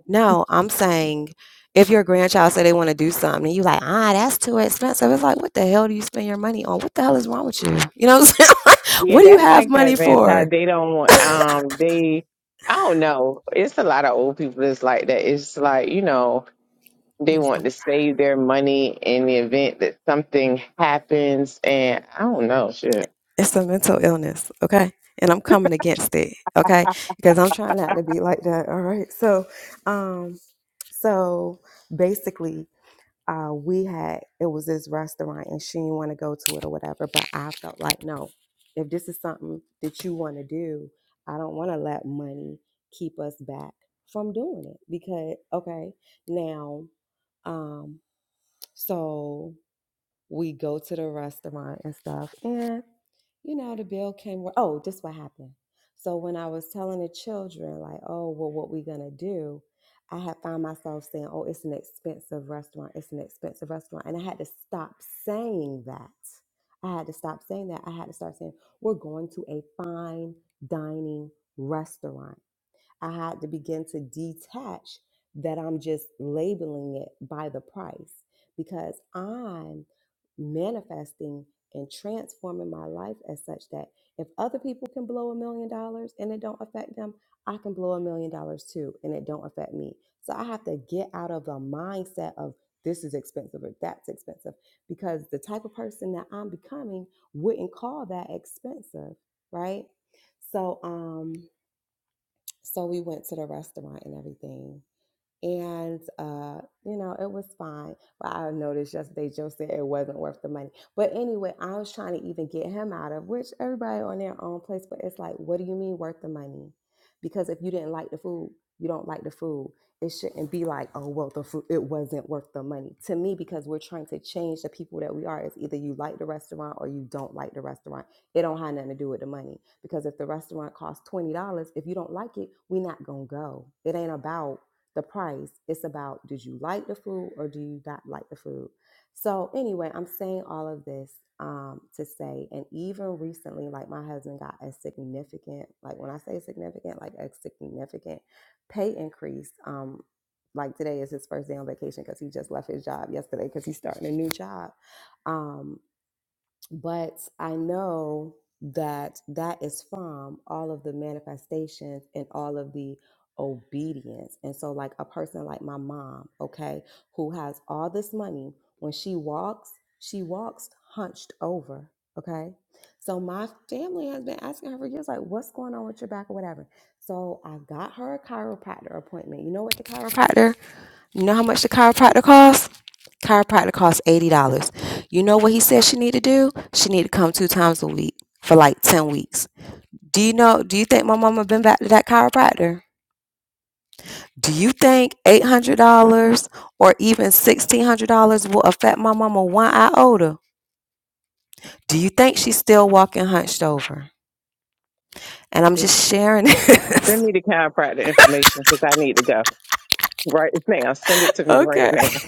No, I'm saying if your grandchild say they want to do something, and you like ah that's too expensive. It's like what the hell do you spend your money on? What the hell is wrong with you? You know what I'm saying? [laughs] Yeah, what do you that's have like that, money Vince. How for? they don't want, um, they, I don't know. It's a lot of old people that's like that. It's like, you know, they Yes, want to save their money in the event that something happens. And I don't know, shit. It's a mental illness, okay? And I'm coming against it, okay? Because I'm trying not to be like that, all right? So, um, so basically, uh, we had it was this restaurant, and she didn't want to go to it or whatever. But I felt like, no, if this is something that you want to do, I don't want to let money keep us back from doing it. Because, okay, now, um, so we go to the restaurant and stuff, and you know, the bill came. wa- Oh, this what happened. So when I was telling the children, like, oh, well, what we gonna do? I had found myself saying, oh, it's an expensive restaurant. It's an expensive restaurant, and I had to stop saying that. I had to stop saying that. I had to start saying, we're going to a fine dining restaurant. I had to begin to detach that I'm just labeling it by the price because I'm manifesting and transforming my life as such that if other people can blow a million dollars and it don't affect them, I can blow a million dollars too and it don't affect me. So I have to get out of the mindset of this is expensive or that's expensive because the type of person that I'm becoming wouldn't call that expensive, right? So um so we went to the restaurant and everything and uh, you know it was fine. But I noticed yesterday Joe said it wasn't worth the money. But anyway, I was trying to even get him out of which everybody on their own place. But it's like, what do you mean worth the money? Because if you didn't like the food, you don't like the food. It shouldn't be like, oh well, the food it wasn't worth the money to me because we're trying to change the people that we are. It's either you like the restaurant or you don't like the restaurant. It don't have nothing to do with the money because if the restaurant costs twenty dollars, if you don't like it, we are not gonna go. It ain't about the price. It's about did you like the food or do you not like the food? So, anyway, I'm saying all of this um, to say, and even recently, like my husband got a significant, like when I say significant, like a significant pay increase. Um, like today is his first day on vacation because he just left his job yesterday because he's starting a new job. Um. But I know that that is from all of the manifestations and all of the obedience. And so, like a person like my mom, okay, who has all this money, when she walks, she walks hunched over, okay? So, my family has been asking her for years, like, what's going on with your back or whatever. So, I got her a chiropractor appointment. You know what the chiropractor, you know how much the chiropractor costs? Chiropractor costs eighty dollars. You know what he said she need to do? She need to come two times a week for like ten weeks. Do you know? Do you think my mama been back to that chiropractor? Do you think eight hundred dollars or even sixteen hundred dollars will affect my mama one iota? Do you think she's still walking hunched over? And I'm just sharing [laughs] Send this. me the chiropractor information because I need to go right now. Send it to me right okay. I now.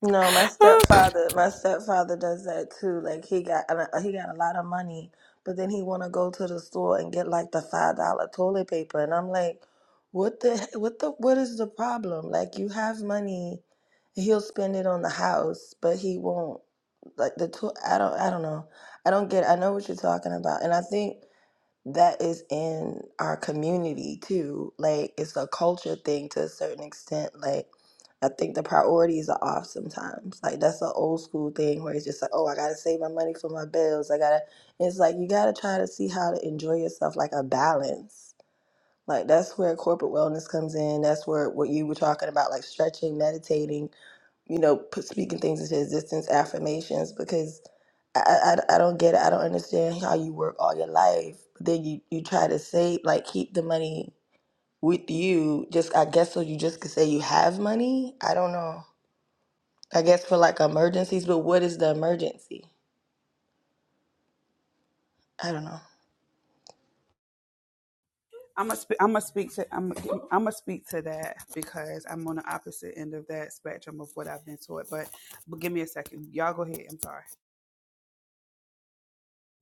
No, my stepfather, my stepfather does that too. Like he got he got a lot of money, but then he want to go to the store and get like the five dollar toilet paper, and I'm like, what the what the what is the problem? Like you have money, he'll spend it on the house, but he won't like the to- I don't I don't know. I don't get. I know what you're talking about, and I think that is in our community too. Like it's a culture thing to a certain extent. Like I think the priorities are off sometimes. Like that's an old school thing where it's just like, oh, I gotta save my money for my bills. I gotta. It's like you gotta try to see how to enjoy yourself, like a balance. Like that's where corporate wellness comes in. That's where what you were talking about, like stretching, meditating, you know, put speaking things into existence, affirmations, because I, I, I I don't get it. I don't understand how you work all your life, but then you, you try to save, like keep the money with you, just I guess so you just could say you have money. I don't know. I guess for like emergencies, but what is the emergency? I don't know. I'm gonna sp- I'm gonna speak to I'm gonna I'm gonna speak to that because I'm on the opposite end of that spectrum of what I've been taught. But but give me a second, y'all go ahead. I'm sorry.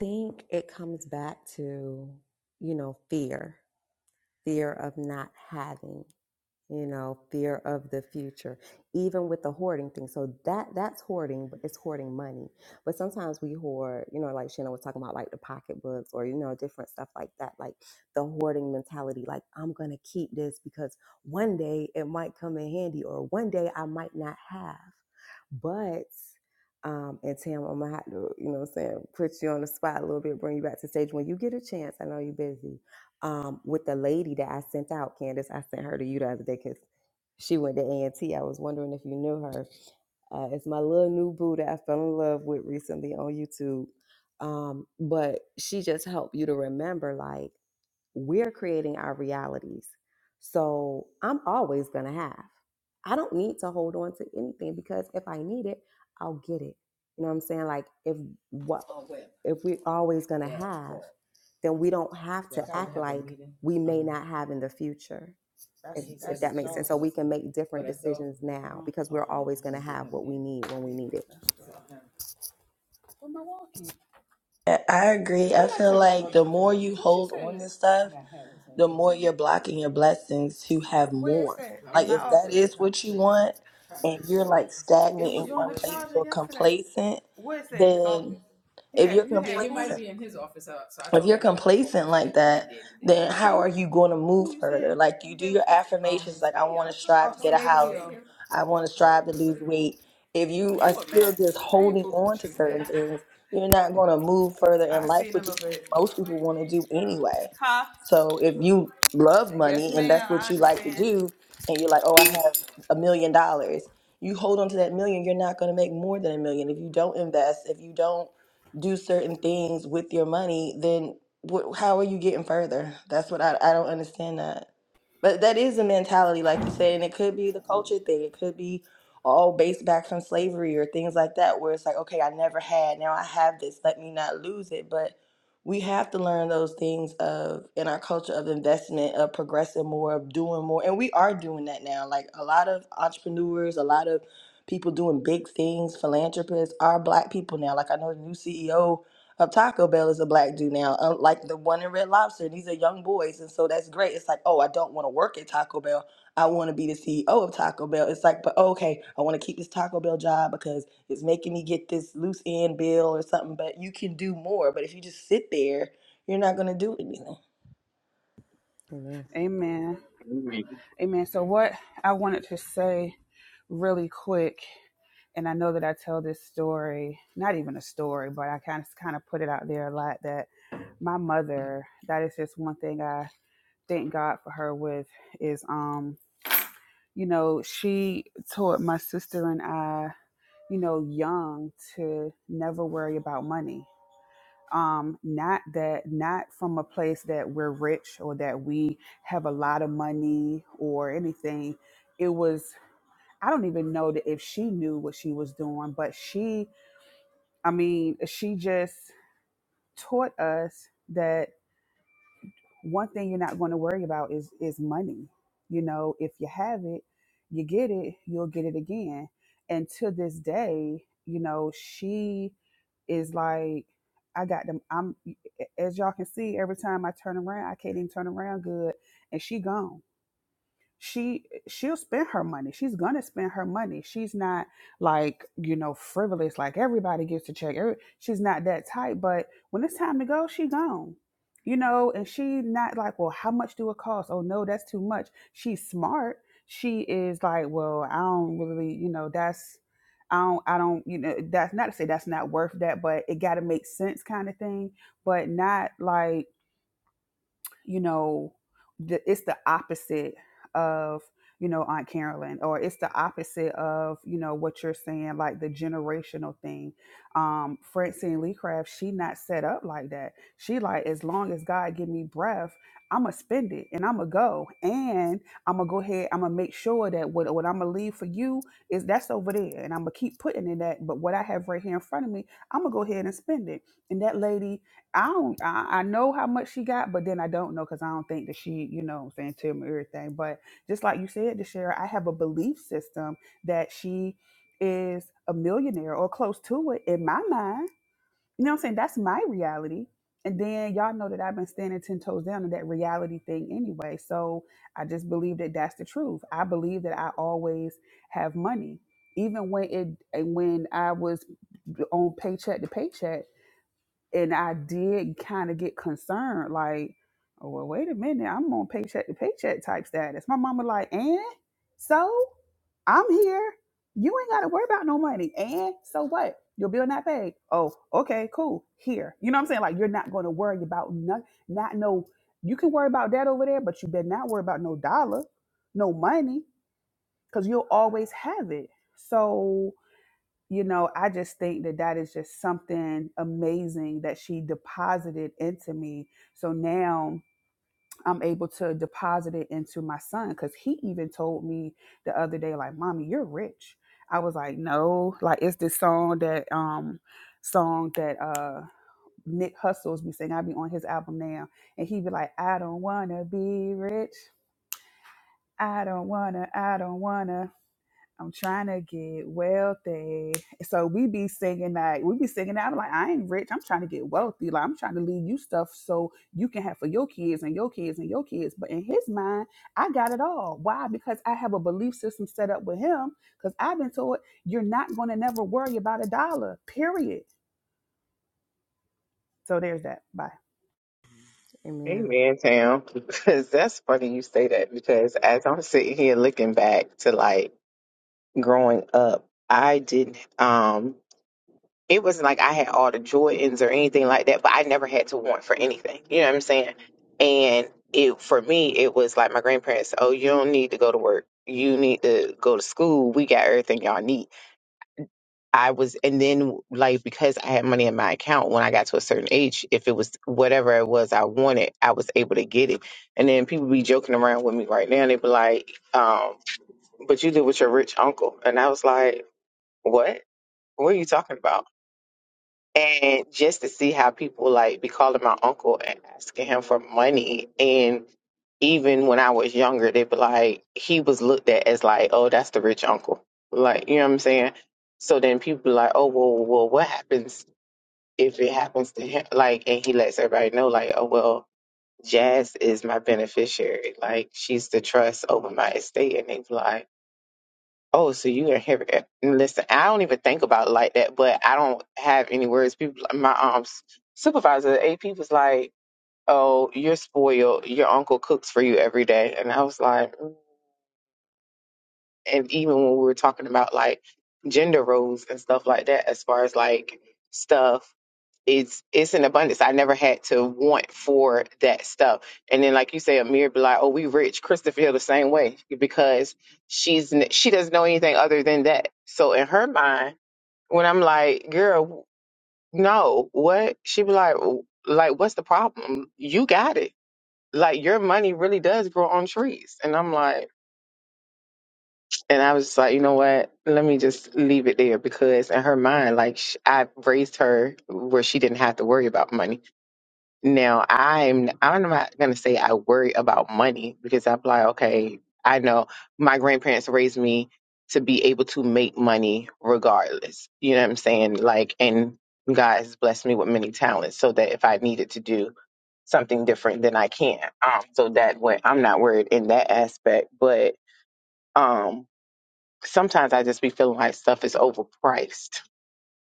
think it comes back to, you know, fear, fear of not having. you know fear of the future even with the hoarding thing so that that's hoarding but it's hoarding money but sometimes we hoard you know like shannon was talking about like the pocketbooks or you know different stuff like that like the hoarding mentality like i'm gonna keep this because one day it might come in handy or one day i might not have but um, and Tam, I'm gonna have to, you know, what I'm saying, put you on the spot a little bit, bring you back to stage when you get a chance. I know you're busy, um, with the lady that I sent out, Candace. I sent her to you the other day because she went to a and T. I was wondering if you knew her. Uh, it's my little new boo that I fell in love with recently on YouTube. Um, but she just helped you to remember, like, we're creating our realities. So I'm always going to have. I don't need to hold on to anything because if I need it, I'll get it. You know what I'm saying? Like if what if we're always going to have, then we don't have to act like we may not have in the future if if that makes sense. So we can make different decisions now Uh-huh. because we're always going to have what we need when we need it. I I agree. I feel like the more you hold on to stuff, the more you're blocking your blessings to have more. Like if that is what you want and you're like stagnant in one place or yesterday. complacent, What is that in his then office? You if you're got you complacent, if you're complacent like that, then how Who? are you going to move Who you said further? Like you you do gave your it to? affirmations, like I want to strive to get a house, I want to strive to lose weight. If you are still just I ain't holding fooling on with to you today. certain things, you're not going to move further I in life, see in a which is little what bit. most people want to do anyway. Huh? So if you love Yes, money and ma'am. that's what I you like to understand. do, and you're like, oh, I have a million dollars, you hold on to that million, you're not going to make more than a million if you don't invest, if you don't do certain things with your money, then wh- how are you getting further? That's what I, I don't understand that. But that is a mentality, like you said, and it could be the culture thing. It could be all based back from slavery or things like that, where it's like, okay, I never had, now I have this, let me not lose it. But we have to learn those things of in our culture of investment, of progressing more, of doing more. And we are doing that now. Like a lot of entrepreneurs, a lot of people doing big things, philanthropists are black people now. Like I know the new CEO of Taco Bell is a black dude now, uh, like the one in Red Lobster. These are young boys, and so that's great. It's like, oh, I don't want to work at Taco Bell. I want to be the CEO of Taco Bell. It's like, but okay, I want to keep this Taco Bell job because it's making me get this loose end bill or something. But you can do more. But if you just sit there, you're not going to do anything. Amen. Amen. Amen. So what I wanted to say really quick, and I know that I tell this story, not even a story, but I kind of kind of put it out there a lot that my mother, that is just one thing I thank God for her with is um, you know, she taught my sister and I you know, young to never worry about money. Um, not that, not from a place that we're rich or that we have a lot of money or anything. It was, I don't even know that if she knew what she was doing, but she, I mean, she just taught us that one thing you're not going to worry about is is money. You know, if you have it, you get it, you'll get it again. And to this day, you know, she is like I got them. I'm as y'all can see, every time I turn around, I can't even turn around good. And she gone. She she'll spend her money. She's gonna spend her money. She's not like, you know, frivolous, like everybody gets a check. Every, she's not that type, but when it's time to go, she gone. You know, and she not like, well, how much do it cost? Oh no, that's too much. She's smart. She is like, well, I don't really, you know, that's I don't, I don't, you know, that's not to say that's not worth that, but it got to make sense kind of thing, but not like you know, the, it's the opposite of, you know, Aunt Carolyn, or it's the opposite of, you know, what you're saying, like the generational thing. Um, Francine Lee Craft, she not set up like that. She like, as long as God give me breath, I'ma spend it and I'ma go. And I'ma go ahead, I'ma make sure that what, what I'ma leave for you is that's over there. And I'ma keep putting in that. But what I have right here in front of me, I'ma go ahead and spend it. And that lady I don't. I, I know how much she got, but then I don't know because I don't think that she, you know, what I'm saying tell me everything. But just like you said, DeShera, I have a belief system that she is a millionaire or close to it in my mind. You know, what I'm saying that's my reality. And then y'all know that I've been standing ten toes down to that reality thing anyway. So I just believe that that's the truth. I believe that I always have money, even when it and when I was on paycheck to paycheck and I did kind of get concerned, like, oh, well, wait a minute, I'm on paycheck to paycheck type status. My mama like, and so I'm here. You ain't got to worry about no money. And so what? Your bill not paid. Oh, okay, cool. Here, you know what I'm saying? Like, you're not going to worry about not, not no. You can worry about that over there, but you better not worry about no dollar, no money, because you'll always have it. So you know, I just think that that is just something amazing that she deposited into me. So now I'm able to deposit it into my son because he even told me the other day, like, Mommy, you're rich. I was like, No, like it's this song that um song that uh Nick Hustles be singing. I be on his album now. And he be like, I don't wanna be rich. I don't wanna, I don't wanna. I'm trying to get wealthy. So we be singing that. We be singing that. I'm like, I ain't rich. I'm trying to get wealthy. Like, I'm trying to leave you stuff so you can have for your kids and your kids and your kids. But in his mind, I got it all. Why? Because I have a belief system set up with him. Because I've been told you're not going to never worry about a dollar, period. So there's that. Bye. Amen. Amen, Tam. [laughs] Because that's funny you say that because as I'm sitting here looking back to like growing up, I didn't. um it wasn't like I had all the Jordans or anything like that, but I never had to want for anything. You know what I'm saying? And it for me, it was like my grandparents, oh, you don't need to go to work. You need to go to school. We got everything y'all need. I was, and then like because I had money in my account when I got to a certain age, if it was whatever it was I wanted, I was able to get it. And then people be joking around with me right now. They be like, um, "But you did with your rich uncle," and I was like, "What? What are you talking about?" and just to see how people like be calling my uncle and asking him for money and even when i was younger they'd be like he was looked at as like oh that's the rich uncle like you know what i'm saying so then people be like oh well well what happens if it happens to him like and he lets everybody know like oh well jazz is my beneficiary like she's the trust over my estate and they be like Oh, so you are heavy. Listen, I don't even think about it like that, but I don't have any words. People, my um s- supervisor at AP was like, "Oh, you're spoiled. Your uncle cooks for you every day," and I was like, and even when we were talking about like gender roles and stuff like that, as far as like stuff it's it's in abundance. I never had to want for that stuff. And then, like you say, Amir be like, "Oh, we rich." Krista feel the same way because she's n- she doesn't know anything other than that. So in her mind, when I'm like, "Girl, no, what?" She be like, "W- "Like, what's the problem? You got it. Like, your money really does grow on trees." And I'm like. And I was just like, you know what? Let me just leave it there because in her mind, like sh I raised her where she didn't have to worry about money. Now I'm I'm not gonna say I worry about money because I'm like, okay, I know my grandparents raised me to be able to make money regardless. You know what I'm saying? Like, and God has blessed me with many talents so that if I needed to do something different, then I can. Um, so that way I'm not worried in that aspect, but. Um, sometimes I just be feeling like stuff is overpriced.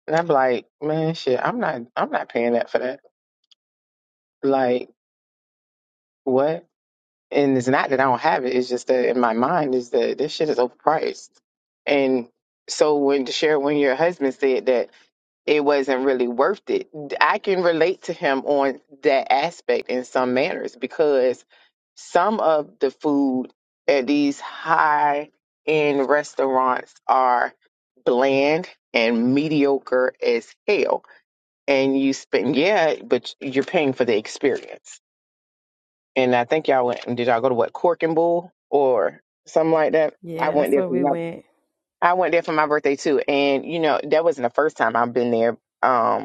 And I'm like, man, shit, I'm not I'm not paying that for that. Like, what? And it's not that I don't have it, it's just that in my mind is that this shit is overpriced. And so when to share when your husband said that it wasn't really worth it. I can relate to him on that aspect in some manners because some of the food at these high end restaurants are bland and mediocre as hell. And you spend, yeah, but you're paying for the experience. And I think y'all went, did y'all go to what, Cork and Bull or something like that? I Yeah, went that's there where for we my, went. I went there for my birthday too. And, you know, that wasn't the first time I've been there. Um,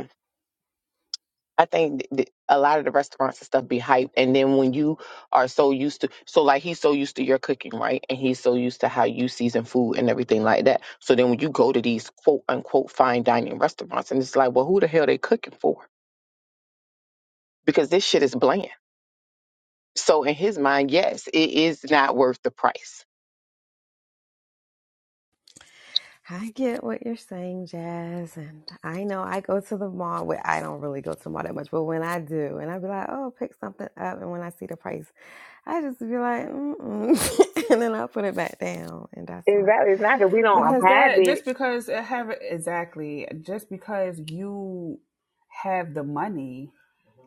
I think th- th- a lot of the restaurants and stuff be hyped, and then when you are so used to, so like he's so used to your cooking, right? And he's so used to how you season food and everything like that. So then when you go to these quote unquote fine dining restaurants, and it's like, well, who the hell they cooking for? Because this shit is bland. So in his mind, yes, it is not worth the price. I get what you're saying, Jazz, and I know I go to the mall. Well, I don't really go to the mall that much, but when I do, and I be like, "Oh, pick something up," and when I see the price, I just be like, "Mm," [laughs] and then I put it back down, and that's why. Exactly. It's not that we don't Because Um, have that it. just because it have exactly just because you have the money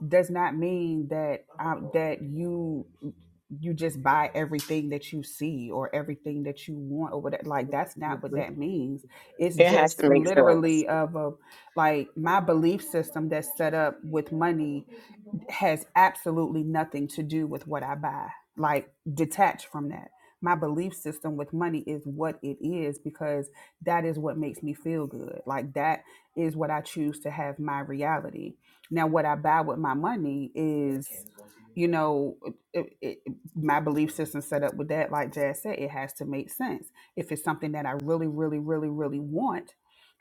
does not mean that um, that you you just buy everything that you see or everything that you want or whatever. Like that's not what Mhm. that means. It's It has just to make sense. literally of a like my belief system that's set up with money has absolutely nothing to do with what I buy. Like detached from that. My belief system with money is what it is because that is what makes me feel good. Like that is what I choose to have my reality. Now, what I buy with my money is, you know, it, it, my belief system set up with that. Like Jazz said, it has to make sense. If it's something that I really, really, really, really want,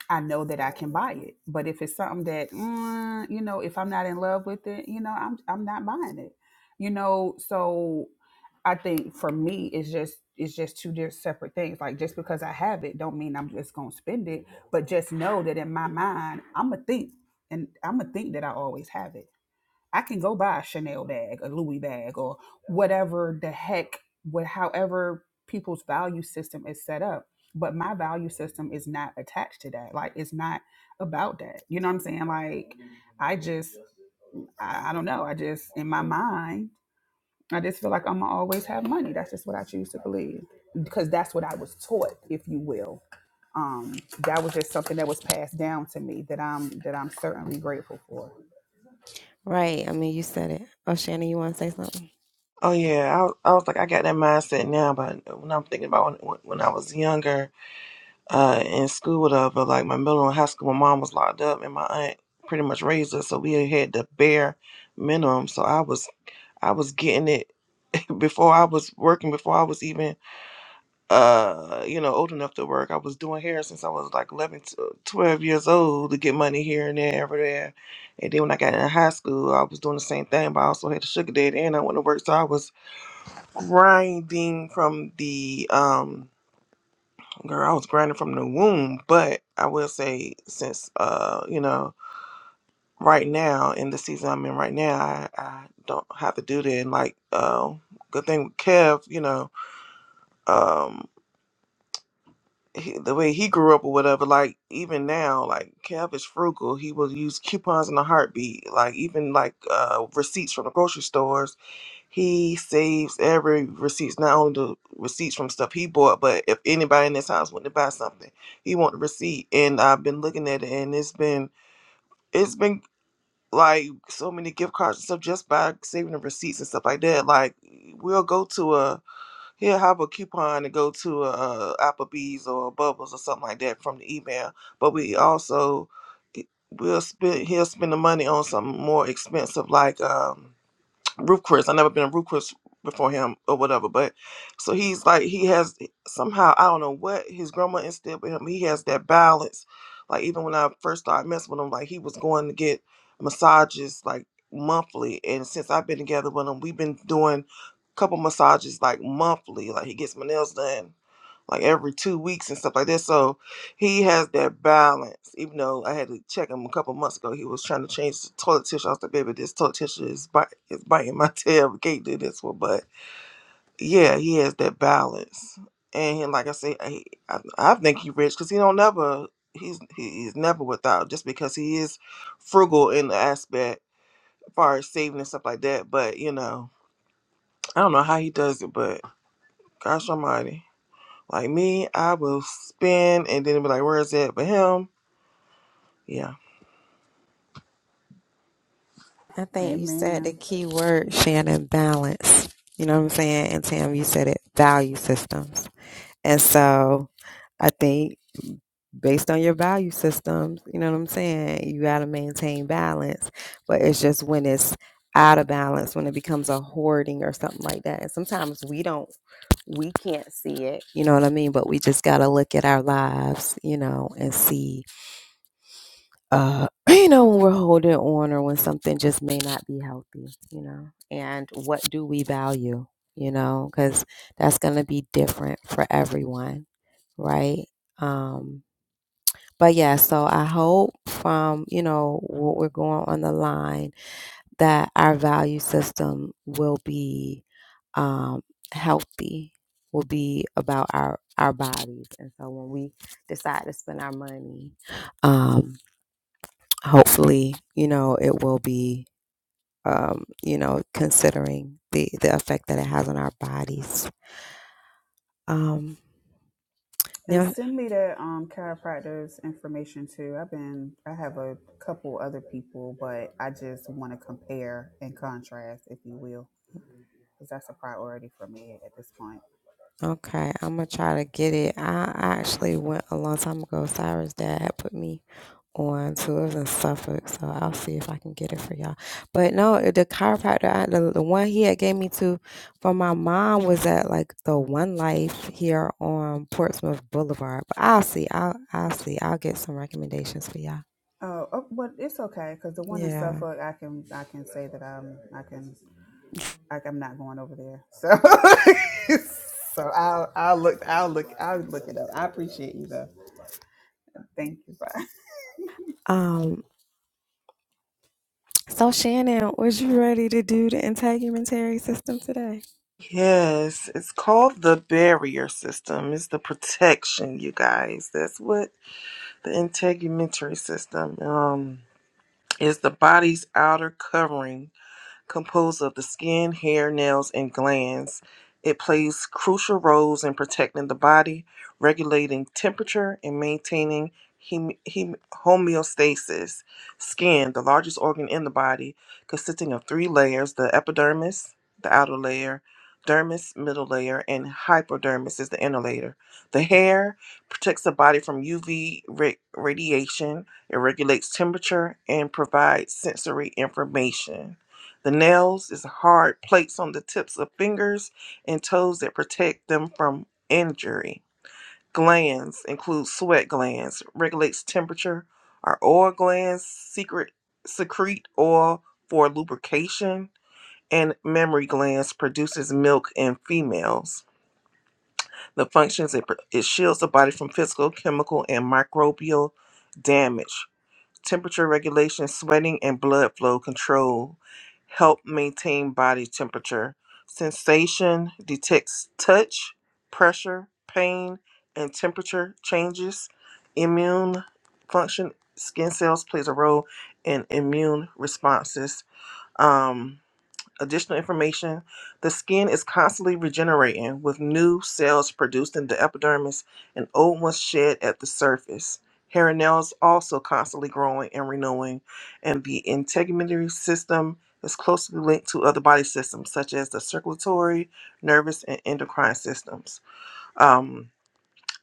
I know that I can buy it. But if it's something that, mm, you know, if I'm not in love with it, you know, I'm I'm not buying it. You know, so I think for me, it's just it's just two different separate things. Like just because I have it, don't mean I'm just gonna spend it. But just know that in my mind, I'm a think, and I'm a think that I always have it I can go buy a Chanel bag, a Louis bag, or whatever the heck, what however people's value system is set up. But my value system is not attached to that. Like it's not about that. You know what I'm saying? Like I just I, I don't know. I just in my mind, I just feel like I'm gonna always have money. That's just what I choose to believe. Because that's what I was taught, if you will. Um, that was just something that was passed down to me that I'm that I'm certainly grateful for. right? I mean, you said it. Oh, Shannon, you want to say something? Oh, yeah, I, was- I was like, I got that mindset now, but when I'm thinking about when, when I was younger uh, in school, whatever. like my middle and high school, my mom was locked up, and my aunt pretty much raised us, so we had the bare minimum. So I was. I was getting it [laughs] before I was working, before I was even uh, you know, old enough to work. I was doing hair since I was like 11, to uh, 12 years old to get money here and there, over there. And then when I got in high school, I was doing the same thing, but I also had a sugar daddy and I went to work. So I was grinding from the, um, girl, I was grinding from the womb. But I will say, since, uh, you know, right now in the season I'm in right now, I, I don't have to do that. And like, uh, good thing with Kev, you know, um. he, the way he grew up or whatever, like even now, like Kev is frugal. He will use coupons in a heartbeat. Like even like uh, receipts from the grocery stores, he saves every receipts. Not only the receipts from stuff he bought, but if anybody in this house wanted to buy something, he want the receipt. And I've been looking at it, and it's been it's been like so many gift cards and stuff just by saving the receipts and stuff like that. Like we'll go to a He'll have a coupon to go to a, a Applebee's or a Bubbles or something like that from the email. But we also we'll spend he'll spend the money on something more expensive like um Ruth Chris. I never been a Ruth Chris before him or whatever. But so he's like he has somehow I don't know what his grandma instilled with him. He has that balance. Like even when I first started messing with him, like he was going to get massages like monthly. And since I've been together with him, we've been doing a couple massages like monthly. Like he gets my nails done like every two weeks and stuff like that. So he has that balance. Even though I had to check him a couple months ago, he was trying to change the toilet tissue. I was like, baby, this toilet tissue is, bite, is biting my [laughs] tail. We can't do this one. But yeah, he has that balance. And he- like I say, I, I, I think he rich because he don't never, he's, he- he's never without just because he is frugal in the aspect as far as saving and stuff like that. But, you know, I don't know how he does it, but gosh almighty. Like me, I will spend and then be like, where is it? But him, yeah. I think you said the Amen. key word, Shannon, balance. You know what I'm saying? And Tam, you said it, value systems. And so, I think based on your value systems. You know what I'm saying? You got to maintain balance. But it's just when it's out of balance, when it becomes a hoarding or something like that. And sometimes we don't, we can't see it. You know what I mean? But we just got to look at our lives, you know, and see, uh, [clears throat] you know, when we're holding on or when something just may not be healthy, you know, and what do we value? You know, because that's going to be different for everyone, right? Um, but yeah, so I hope from, you know, what we're going on the line that our value system will be um, healthy, will be about our, our bodies. And so when we decide to spend our money, um, hopefully, you know, it will be, um, you know, considering the, the effect that it has on our bodies. Um, And now, send me that um chiropractor's information too. I've been I have a couple other people, but I just want to compare and contrast, if you will, because that's a priority for me at this point. Okay, I'm gonna try to get it. I actually went a long time ago. Cyrus' dad had put me on to it was in Suffolk, so I'll see if I can get it for y'all. But no, it- the chiropractor, I, the, the one he had gave me to for my mom was at like the One Life here on Portsmouth Boulevard. But I'll see. I'll I'll see. I'll get some recommendations for y'all. Oh, oh but it's okay because the one in Yeah. Suffolk, I can I can say that I'm I can. like I'm not going over there. So [laughs] so I'll I'll look I'll look I'll look it up. I appreciate you though. Thank you. Bye. Um. So Shannon, was you ready to do the integumentary system today? Yes, it's called the barrier system. It's the protection, you guys. That's what the integumentary system um is the body's outer covering composed of the skin, hair, nails, and glands. It plays crucial roles in protecting the body, regulating temperature, and maintaining hem- hem- homeostasis. Skin, the largest organ in the body, consisting of three layers the epidermis, the outer layer, dermis, middle layer, and hypodermis is the inner layer. The hair protects the body from UV ra- radiation, it regulates temperature, and provides sensory information. The nails is hard plates on the tips of fingers and toes that protect them from injury. Glands include sweat glands, regulates temperature. Our oil glands secret, secrete oil for lubrication, and mammary glands produces milk in females. The functions it, it shields the body from physical, chemical, and microbial damage. Temperature regulation, sweating, and blood flow control help maintain body temperature. Sensation detects touch, pressure, pain, and temperature changes. Immune function, skin cells plays a role in immune responses. Um, Additional information the skin is constantly regenerating with new cells produced in the epidermis and old ones shed at the surface. Hair and nails also constantly growing and renewing, and the integumentary system is closely linked to other body systems such as the circulatory, nervous, and endocrine systems. Um,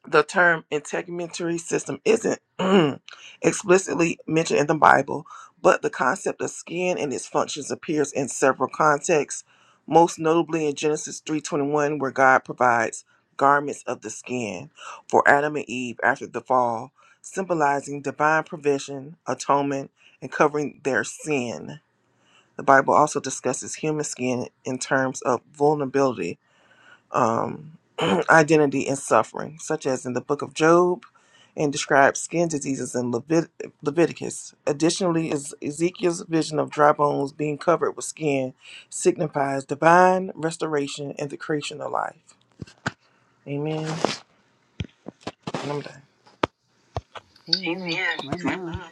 the term integumentary system isn't [clears throat] explicitly mentioned in the Bible, but the concept of skin and its functions appears in several contexts, most notably in Genesis 3:21 where God provides garments of the skin for Adam and Eve after the fall, symbolizing divine provision, atonement, and covering their sin. The Bible also discusses human skin in terms of vulnerability um, [clears throat] identity and suffering, such as in the book of Job, and describes skin diseases in Levit- Leviticus. Additionally, is Ezekiel's vision of dry bones being covered with skin signifies divine restoration and the creation of life. Amen. And I'm done. Amen. Amen. My Amen. mom.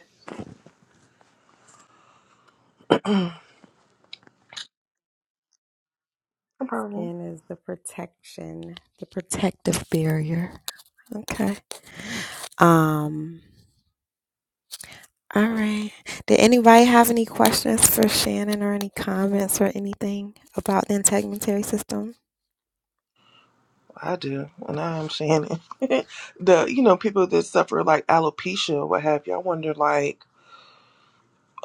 No problem. Skin is the protection, the protective barrier. Okay. Um. All right. Did anybody have any questions for Shannon or any comments or anything about the integumentary system? I do, and I'm Shannon. [laughs] the you know people that suffer like alopecia or what have you. I wonder like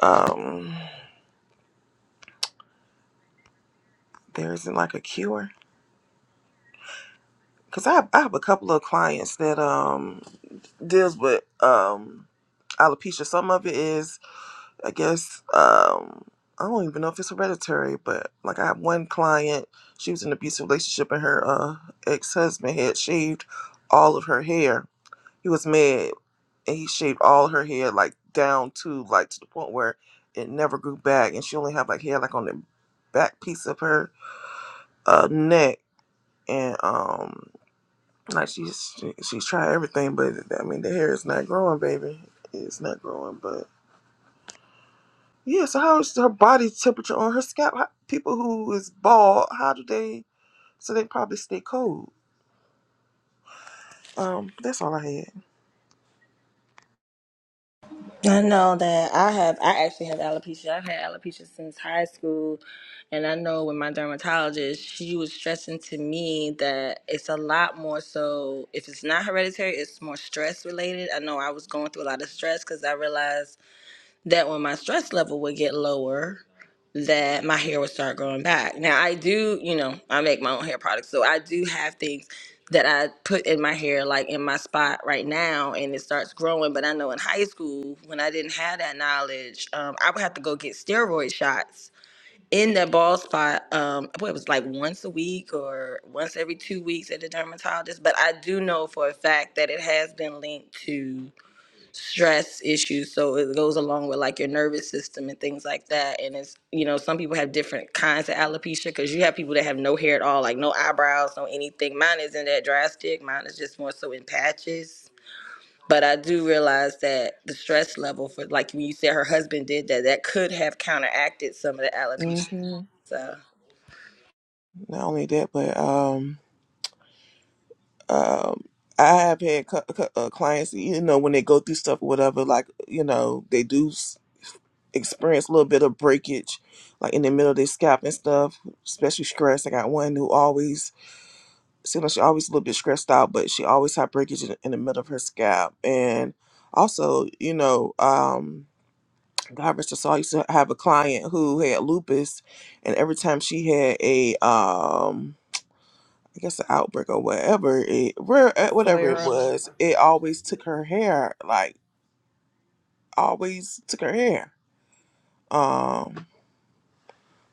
um there isn't like a cure Cause I have, I have a couple of clients that um deals with um alopecia. Some of it is I guess um I don't even know if it's hereditary, but like I have one client, she was in an abusive relationship and her uh ex husband had shaved all of her hair. He was mad and he shaved all her hair like down to like to the point where it never grew back and she only had like hair like on the back piece of her uh neck and um Like she's she's tried everything, but I mean the hair is not growing, baby. It's not growing, but yeah. So how is her body temperature on her scalp? How, people who is bald, how do they? So they probably stay cold. Um, that's all I I know that I have, I actually have alopecia. I've had alopecia since high school. And I know with my dermatologist, she was stressing to me that it's a lot more so, if it's not hereditary, it's more stress related. I know I was going through a lot of stress because I realized that when my stress level would get lower, that my hair would start growing back. Now I do, you know, I make my own hair products, so I do have things that I put in my hair, like in my spot right now, and it starts growing. But I know in high school, when I didn't have that knowledge, um, I would have to go get steroid shots in that bald spot. Um, what it was like once a week or once every two weeks at the dermatologist. But I do know for a fact that it has been linked to stress issues so it goes along with like your nervous system and things like that and it's you know some people have different kinds of alopecia because you have people that have no hair at all like no eyebrows no anything mine isn't that drastic mine is just more so in patches but i do realize that the stress level for like when you said her husband did that that could have counteracted some of the had. alopecia hmm so Not only that, but um, um, I have had cu- cu- uh, clients, you know, when they go through stuff or whatever, like you know, they do s- experience a little bit of breakage, like in the middle of their scalp and stuff, especially stress. I got one who always seemed like she always a little bit stressed out, but she always had breakage in, in the middle of her scalp. And also, you know, um, God rest her soul. I used to have a client who had lupus, and every time she had a, um, I guess, an outbreak or whatever it, where A uh, whatever it Mhm. flare up. was, it always took her hair, like always took her hair, um,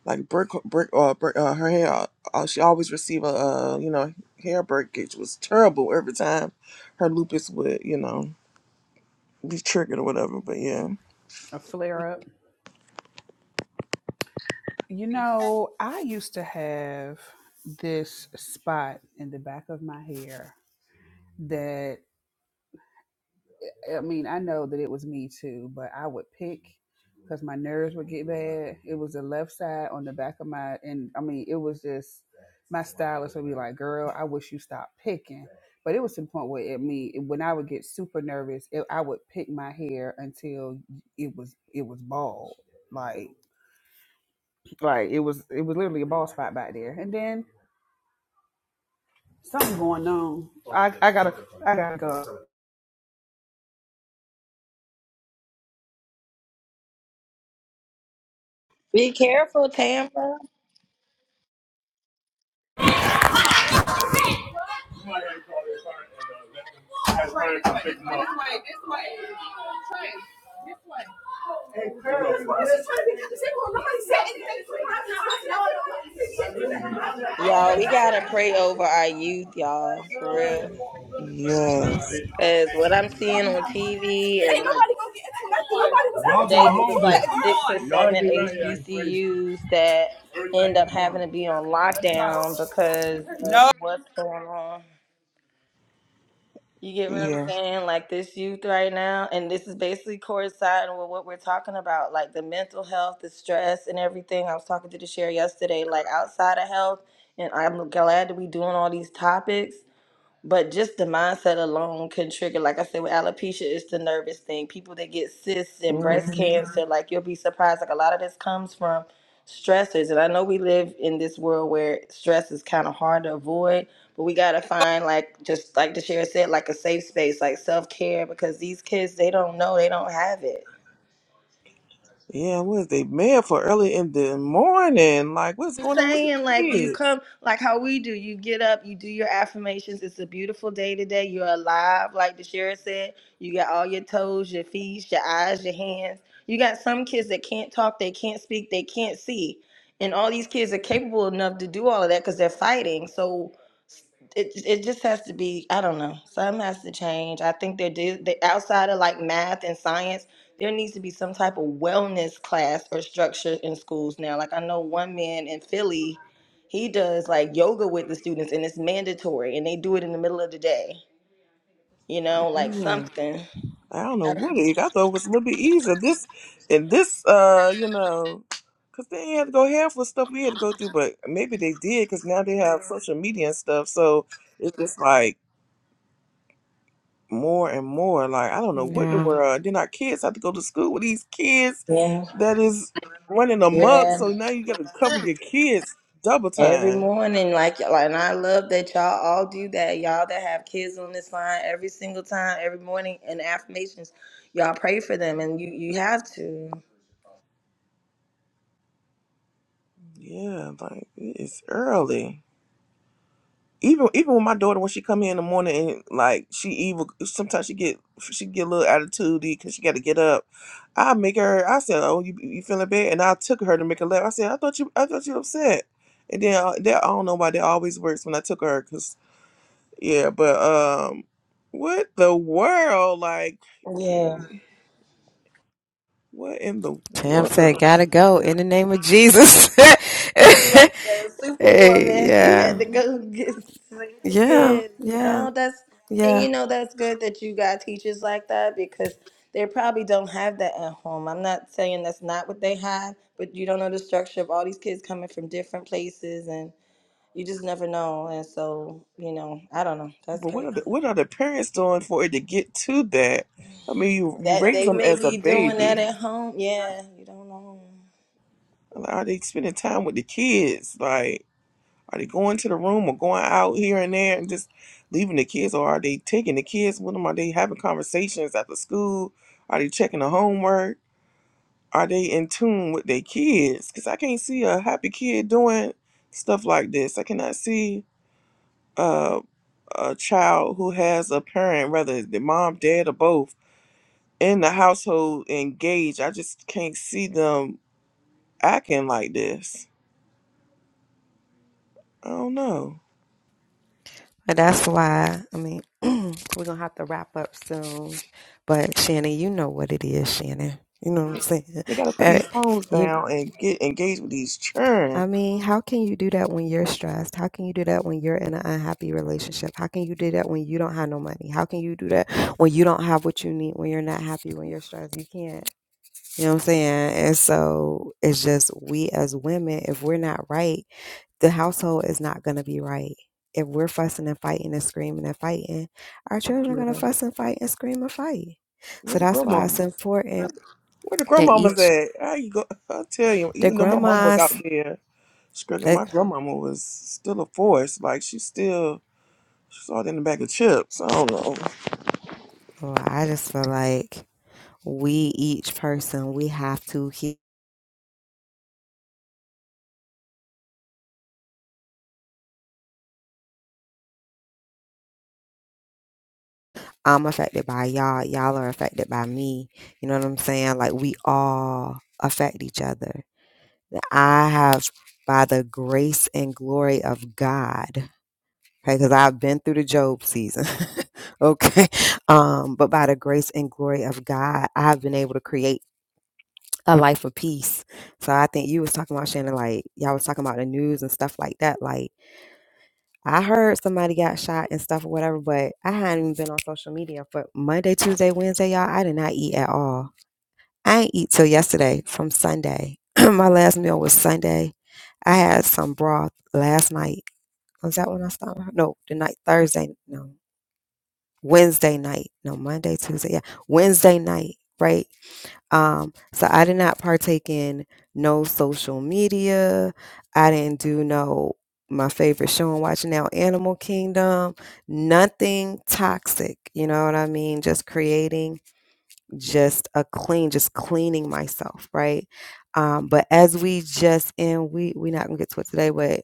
like brick, brick, uh, brick, uh, her hair. Uh, she always received a, uh, you know, hair breakage was terrible every time her lupus would, you know. be triggered or whatever. But yeah, A flare up. You know, I used to have this spot in the back of my hair that, I mean, I know that it was me too, but I would pick because my nerves would get bad. It was the left side on the back of my, and I mean, it was just, my stylist would be like, girl, I wish you stopped picking. But it was to the point where it me when I would get super nervous, it, I would pick my hair until it was it was bald, like like it was it was literally a bald spot back there. And then Something going on. I, I gotta I gotta go. Be careful, Tampa. This way, this way, this way. Y'all, we gotta pray over our youth, y'all, for real. yes, because what i'm seeing on tv and like Y'all day going it was home then. like six or Y'all seven be right here acting crazy. HBCUs that Everything end in up the having morning. to be on Let's go. lockdown because No. of what's going on. You get what I'm yeah, saying? Like this youth right now, and this is basically coinciding with what we're talking about, like the mental health, the stress, and everything. I was talking to the share yesterday, like outside of health, and I'm glad that we doing all these topics but just the mindset alone can trigger, like I said, with alopecia, it's the nervous thing. People that get cysts and hmm breast Mhm. cancer, like you'll be surprised. Like a lot of this comes from stressors. And I know we live in this world where stress is kind of hard to avoid, but we got to find, like, just like the sheriff said, like a safe space, like self care, because these kids, they don't know, they don't have it. yeah. What is they mad for early in the morning? Like, what's I'm going on with the saying like you kids? come like how we do you get up you do your affirmations it's a beautiful day today you're alive like the sheriff said you got all your toes your feet your eyes your hands you got some kids that can't talk they can't speak they can't see and all these kids are capable enough to do all of that because they're fighting so it it just has to be i don't know something has to change i think there do they, outside of like math and science there needs to be some type of wellness class or structure in schools now like i know one man in philly he does like yoga with the students and it's mandatory and they do it in the middle of the day you know like Yeah. something I don't know I what it. I thought it was a little bit easier. This and this, uh, you know, because they ain't had to go half with stuff we had to go through. But maybe they did because now they have social media and stuff. So it's just like. more and more. Like I don't know what the Yeah. world. Then our kids have to go to school with these kids don't- yeah that is running amok. yeah. So now you got to cover your kids double Every time. morning, like y'all, and I love that y'all all do that. Y'all that have kids on this line, every single time, every morning, and affirmations, y'all pray for them, and you you have to. Yeah, like it's early. Even even with my daughter when she come here in the morning and like she evil sometimes she get she get a little attitude because she got to get up. I make her. I said, "Oh, you you feeling bad?" And I took her to make her laugh. I said, "I thought you I thought you upset." And then uh, that I don't know why that always works when I took her 'cause Yeah, but um, what the world? Like, Yeah, can, what in the Tam said, world? gotta go in the name of Jesus. [laughs] she's like the hey, superwoman. She had yeah. to go [laughs] get save the Yeah, kids. yeah, No, that's and yeah. you know that's good that you got teachers like that because they probably don't have that at home. I'm not saying that's not what they have, but you don't know the structure of all these kids coming from different places and. you just never know. And so, you know, I don't know. That's But what crazy. are the what are the parents doing for it to get to that? I mean, you you That raise they them may as a be doing that baby. at home. Yeah, you don't know. Like, Are they spending time with the kids? Like, are they going to the room or going out here and there and just leaving the kids, or are they taking the kids with them? Are they having conversations after school? Are they checking the homework? Are they in tune with their kids? Because I can't see a happy kid doing stuff like this. I cannot see uh, a child who has a parent, whether it's the mom, dad, or both, in the household engaged. I just can't see them acting like this. I don't know. And that's why, I mean, [clears throat] we're going to have to wrap up soon. But Shannon, you know what it is, Shannon. You know what I'm saying? They got to put Eh, these phones you, down and get engaged with these I children. mean, how can you do that when you're stressed? How can you do that when you're in an unhappy relationship? How can you do that when you don't have no money? How can you do that when you don't have what you need, when you're not happy, when you're stressed? You can't. You know what I'm saying? And so it's just we as women, if we're not right, the household is not going to be right. If we're fussing and fighting and screaming and fighting, our children are going to Yeah. fuss and fight and scream and fight. Where So the that's why it's grandmamas? important Where the that grandmamas each, at? How you go? [laughs] I tell you, the even though my mom was out grandmas, there. Struggling. that, My grandmama was still a force. Like she still she's all in the bag of chips. I don't know. oh, I just feel like we, each person, we have to keep. I'm affected by y'all. Y'all are affected by me. You know what I'm saying? Like we all affect each other I have, by the grace and glory of God, okay, because I've been through the Job season, [laughs] okay, um, but by the grace and glory of God, I've been able to create a life of peace. So I think you was talking about Shannon, like y'all was talking about the news and stuff like that. Like I heard somebody got shot and stuff or whatever, but I hadn't even been on social media. But Monday, Tuesday, Wednesday, y'all, I did not eat at all I ain't eat till yesterday from Sunday. [clears throat] my last meal was Sunday. I had some broth last night. Was that when I stopped? No, the night Thursday. No, Wednesday night. No, Monday, Tuesday. Yeah, Wednesday night. Right. Um. So I did not partake in no social media. I didn't do no my favorite show and watching now Animal Kingdom. Nothing toxic. You know what I mean? Just creating just a clean, just cleaning myself, right? Um, but as we just and we we're not gonna get to it today, but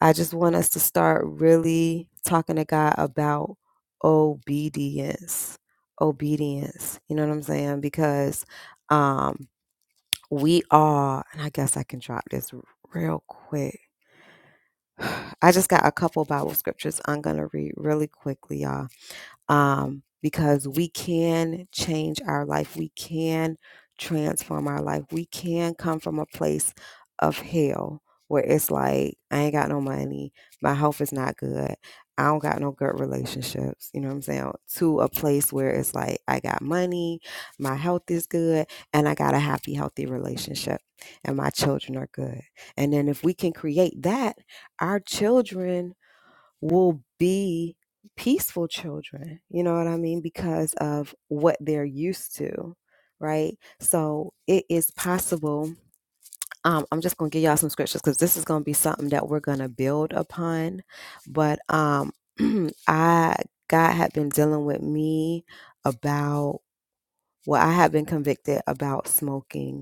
I just want us to start really talking to God about obedience. Obedience. You know what I'm saying? Because um we are, and I guess I can drop this real quick. [sighs] I just got a couple Bible scriptures I'm gonna read really quickly, y'all um, because we can change our life. We can transform our life. We can come from a place of hell where it's like, I ain't got no money. My health is not good. I don't got no good relationships. You know what I'm saying? To a place where it's like, I got money. My health is good. And I got a happy, healthy relationship. And my children are good. And then if we can create that, our children will be peaceful children. You know what I mean? Because of what they're used to, right? So it is possible. Um, I'm just going to give y'all some scriptures because this is going to be something that we're going to build upon. But um, [clears throat] I, God had been dealing with me about, well, I had been convicted about smoking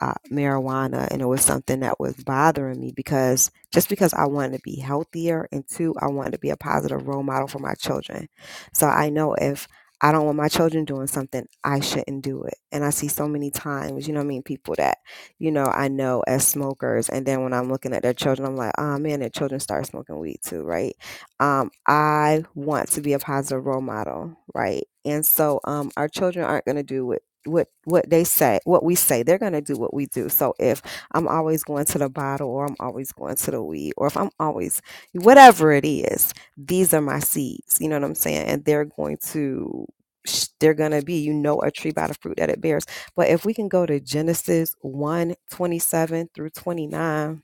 uh, marijuana and it was something that was bothering me because just because I wanted to be healthier and two, I wanted to be a positive role model for my children. So I know if I don't want my children doing something, I shouldn't do it. And I see so many times, you know what I mean, people that, you know, I know as smokers. And then when I'm looking at their children, I'm like, oh man, their children start smoking weed too, right? Um, I want to be a positive role model, right? And so um, our children aren't going to do what what what they say what we say they're going to do what we do so if i'm always going to the bottle or i'm always going to the weed or if i'm always whatever it is these are my seeds you know what i'm saying and they're going to sh- they're going to be you know a tree by the fruit that it bears but if we can go to genesis one 27 through 29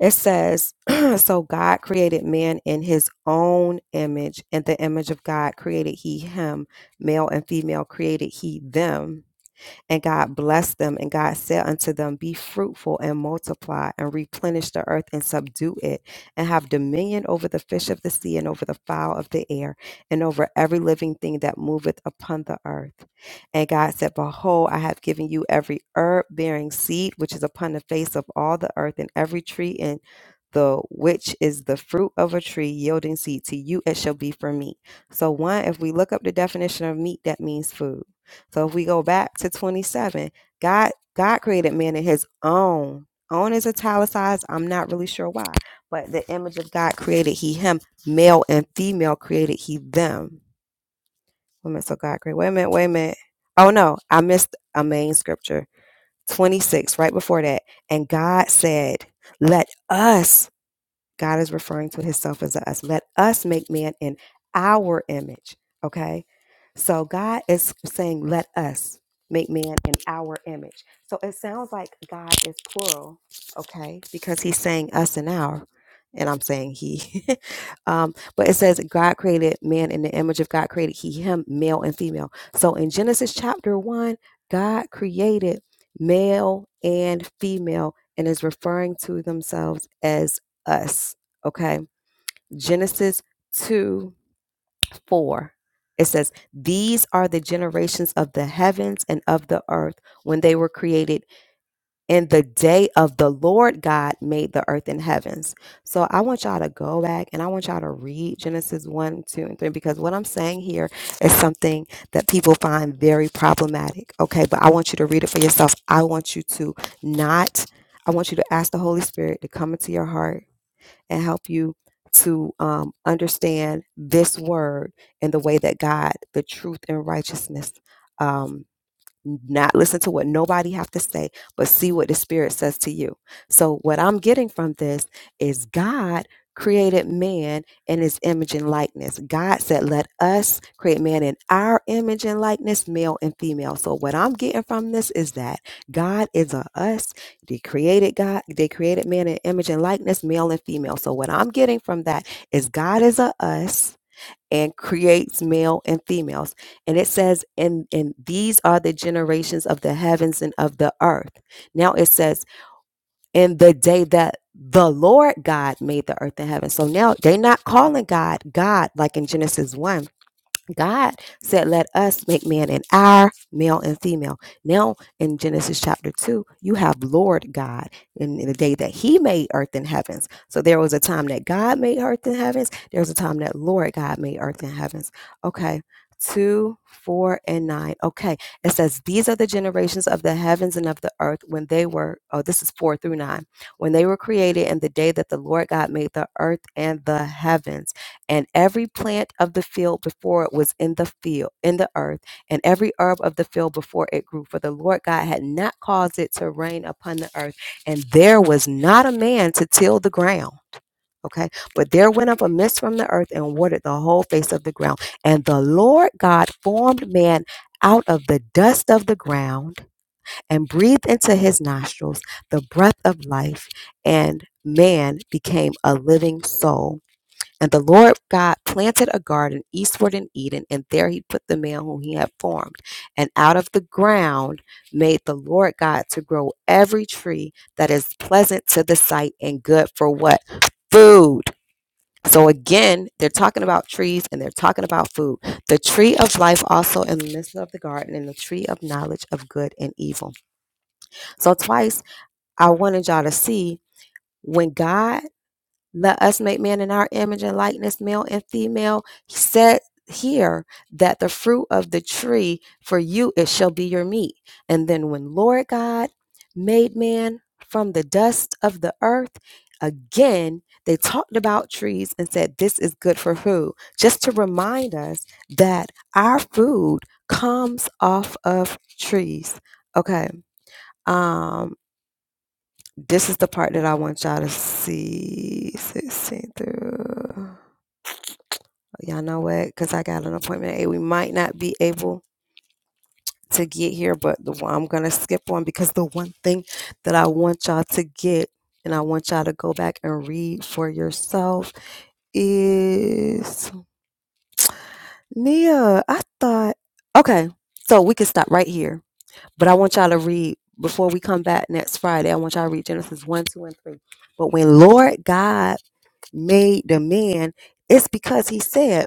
it says [clears throat] so god created man in his own image in the image of god created he him male and female created he them and God blessed them, and God said unto them, Be fruitful and multiply, and replenish the earth and subdue it, and have dominion over the fish of the sea, and over the fowl of the air, and over every living thing that moveth upon the earth. And God said, Behold, I have given you every herb bearing seed which is upon the face of all the earth, and every tree in the which is the fruit of a tree yielding seed. To you it shall be for meat. So, one, if we look up the definition of meat, that means food. So if we go back to 27, God God created man in his own. Own is italicized. I'm not really sure why. But the image of God created he him. Male and female created he them. Wait a minute, so God created. Wait a minute, wait a minute. Oh no, I missed a main scripture. 26, right before that. And God said, Let us. God is referring to himself as us. Let us make man in our image. Okay. So God is saying, let us make man in our image. So it sounds like God is plural. Okay. Because he's saying us and our. And I'm saying he. [laughs] um, but it says God created man in the image of God created he, him, male and female. So in Genesis chapter one, God created male and female and is referring to themselves as us. Okay. Genesis 2 4. It says, These are the generations of the heavens and of the earth when they were created in the day of the Lord God made the earth and heavens. So I want y'all to go back and I want y'all to read Genesis 1, 2, and 3 because what I'm saying here is something that people find very problematic. Okay. But I want you to read it for yourself. I want you to not, I want you to ask the Holy Spirit to come into your heart and help you to um, understand this word and the way that God, the truth and righteousness, um, not listen to what nobody have to say but see what the spirit says to you so what i'm getting from this is god created man in his image and likeness god said let us create man in our image and likeness male and female so what i'm getting from this is that god is a us they created god they created man in image and likeness male and female so what i'm getting from that is god is a us and creates male and females. And it says, and, and these are the generations of the heavens and of the earth. Now it says, in the day that the Lord God made the earth and heaven. So now they're not calling God God like in Genesis 1. God said, Let us make man in our male and female. Now, in Genesis chapter 2, you have Lord God in, in the day that he made earth and heavens. So there was a time that God made earth and heavens. There was a time that Lord God made earth and heavens. Okay. Two, four, and nine. Okay. It says, These are the generations of the heavens and of the earth when they were, oh, this is four through nine, when they were created in the day that the Lord God made the earth and the heavens and every plant of the field before it was in the field in the earth and every herb of the field before it grew for the lord god had not caused it to rain upon the earth and there was not a man to till the ground okay but there went up a mist from the earth and watered the whole face of the ground and the lord god formed man out of the dust of the ground and breathed into his nostrils the breath of life and man became a living soul and the Lord God planted a garden eastward in Eden, and there he put the man whom he had formed. And out of the ground made the Lord God to grow every tree that is pleasant to the sight and good for what? Food. So again, they're talking about trees and they're talking about food. The tree of life also in the midst of the garden, and the tree of knowledge of good and evil. So, twice I wanted y'all to see when God let us make man in our image and likeness, male and female. He said here that the fruit of the tree for you it shall be your meat. And then when Lord God made man from the dust of the earth, again they talked about trees and said this is good for who? Just to remind us that our food comes off of trees. Okay. Um this is the part that I want y'all to see. 16 through. Y'all know what? Because I got an appointment at 8. We might not be able to get here, but the one, I'm going to skip one because the one thing that I want y'all to get and I want y'all to go back and read for yourself is Nia. I thought, okay, so we can stop right here, but I want y'all to read before we come back next Friday. I want y'all to read Genesis 1, 2, and 3. But when Lord God made the man, it's because he said,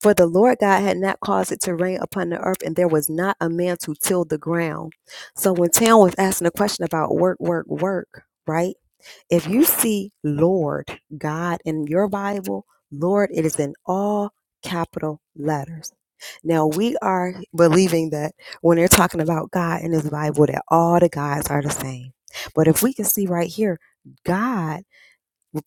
For the Lord God had not caused it to rain upon the earth, and there was not a man to till the ground. So when Tam was asking a question about work, work, work, right? If you see Lord God in your Bible, Lord, it is in all capital letters. Now we are believing that when they're talking about God in this Bible, that all the gods are the same. But if we can see right here, God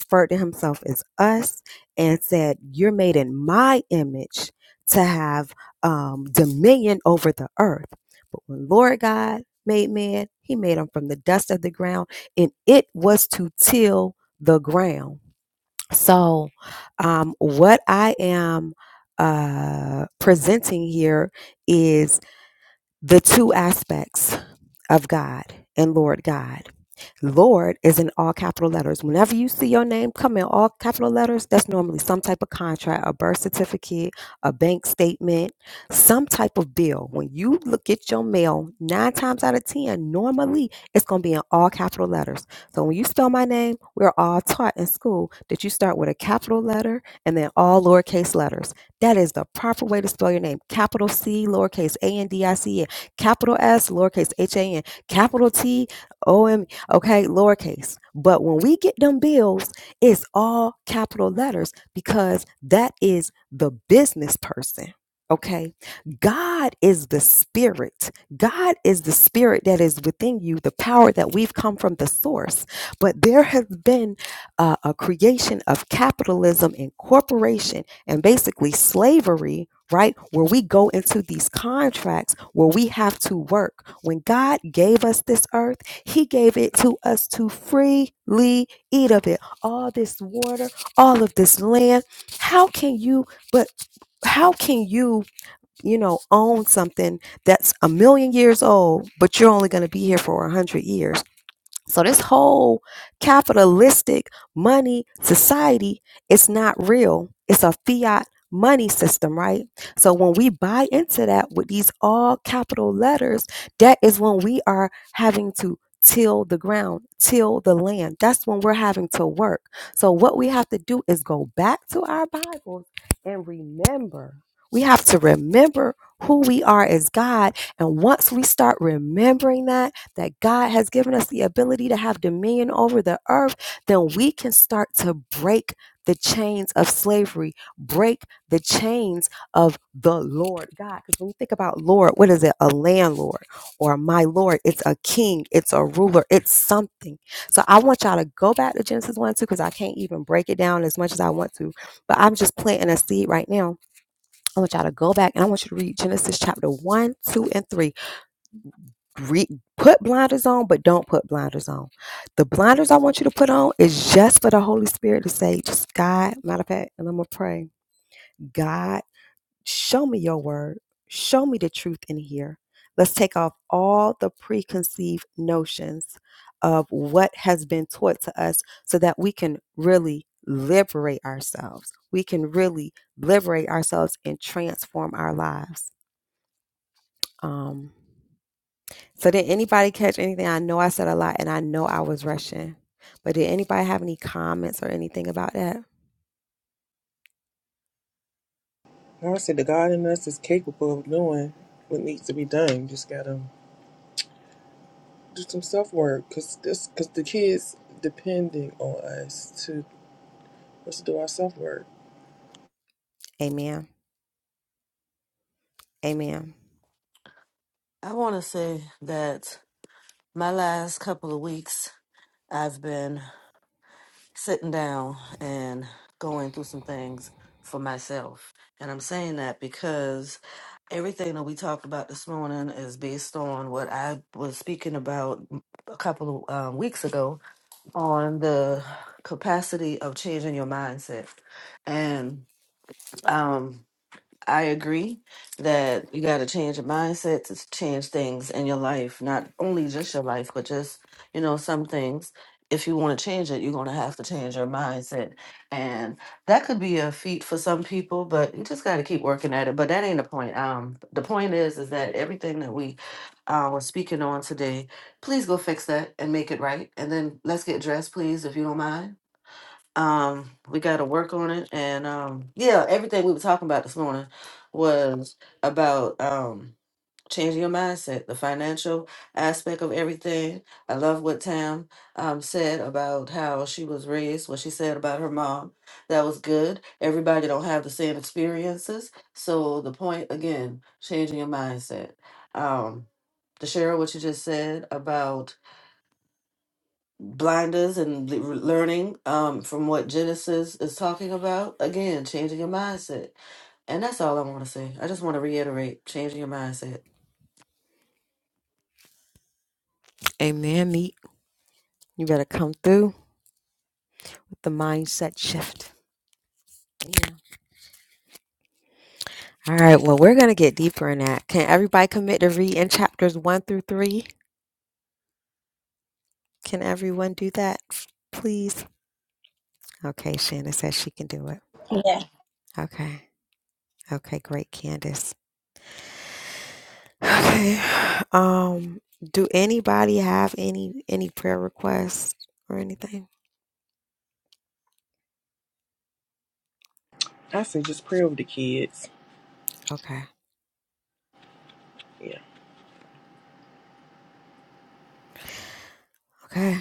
referred to himself as us and said, You're made in my image to have um, dominion over the earth. But when Lord God made man, he made him from the dust of the ground, and it was to till the ground. So, um, what I am uh, presenting here is the two aspects of God and Lord God. Lord is in all capital letters. Whenever you see your name come in all capital letters, that's normally some type of contract, a birth certificate, a bank statement, some type of bill. When you look at your mail, nine times out of 10, normally it's going to be in all capital letters. So when you spell my name, we're all taught in school that you start with a capital letter and then all lowercase letters. That is the proper way to spell your name. Capital C, lowercase a n d i c e, capital S, lowercase h a n, capital T, okay, lowercase. But when we get them bills, it's all capital letters because that is the business person. Okay. God is the spirit. God is the spirit that is within you, the power that we've come from the source. But there has been uh, a creation of capitalism and corporation and basically slavery right? Where we go into these contracts where we have to work. When God gave us this earth, He gave it to us to freely eat of it. All this water, all of this land. How can you, but how can you, you know, own something that's a million years old, but you're only going to be here for a hundred years? So this whole capitalistic money society, it's not real. It's a fiat money system, right? So when we buy into that with these all capital letters, that is when we are having to till the ground, till the land. That's when we're having to work. So what we have to do is go back to our Bibles and remember. We have to remember who we are as God. And once we start remembering that, that God has given us the ability to have dominion over the earth, then we can start to break the chains of slavery, break the chains of the Lord God. Because when you think about Lord, what is it? A landlord or my Lord? It's a king, it's a ruler, it's something. So I want y'all to go back to Genesis 1 and 2 because I can't even break it down as much as I want to. But I'm just planting a seed right now. I want y'all to go back and I want you to read Genesis chapter 1, 2, and 3 re- put blinders on, but don't put blinders on. The blinders I want you to put on is just for the Holy Spirit to say, just God, matter of fact, and I'm going to pray, God, show me your word. Show me the truth in here. Let's take off all the preconceived notions of what has been taught to us so that we can really liberate ourselves. We can really liberate ourselves and transform our lives. Um, So did anybody catch anything? I know I said a lot and I know I was rushing. But did anybody have any comments or anything about that? I said the God in us is capable of doing what needs to be done. You just gotta do some self work, cause this, cause the kids depending on us to us to do our self work. Amen. Amen. I want to say that my last couple of weeks, I've been sitting down and going through some things for myself. And I'm saying that because everything that we talked about this morning is based on what I was speaking about a couple of um, weeks ago on the capacity of changing your mindset. And um, I agree that you got to change your mindset to change things in your life, not only just your life, but just, you know, some things. If you want to change it, you're going to have to change your mindset. And that could be a feat for some people, but you just got to keep working at it. But that ain't the point. Um, the point is, is that everything that we uh, were speaking on today, please go fix that and make it right. And then let's get dressed, please, if you don't mind um we got to work on it and um yeah everything we were talking about this morning was about um changing your mindset the financial aspect of everything i love what tam um said about how she was raised what she said about her mom that was good everybody don't have the same experiences so the point again changing your mindset um to share what you just said about blinders and le- learning um, from what Genesis is talking about. Again, changing your mindset. And that's all I want to say. I just want to reiterate changing your mindset. Amen, Meek. You better come through with the mindset shift. Yeah. All right. Well, we're going to get deeper in that. Can everybody commit to read in chapters one through three? Can everyone do that, please? Okay. Shannon says she can do it. Yeah. Okay. Okay. Great, Candace. Okay. Um, do anybody have any any prayer requests or anything? I say just pray over the kids. Okay. Yeah. Okay.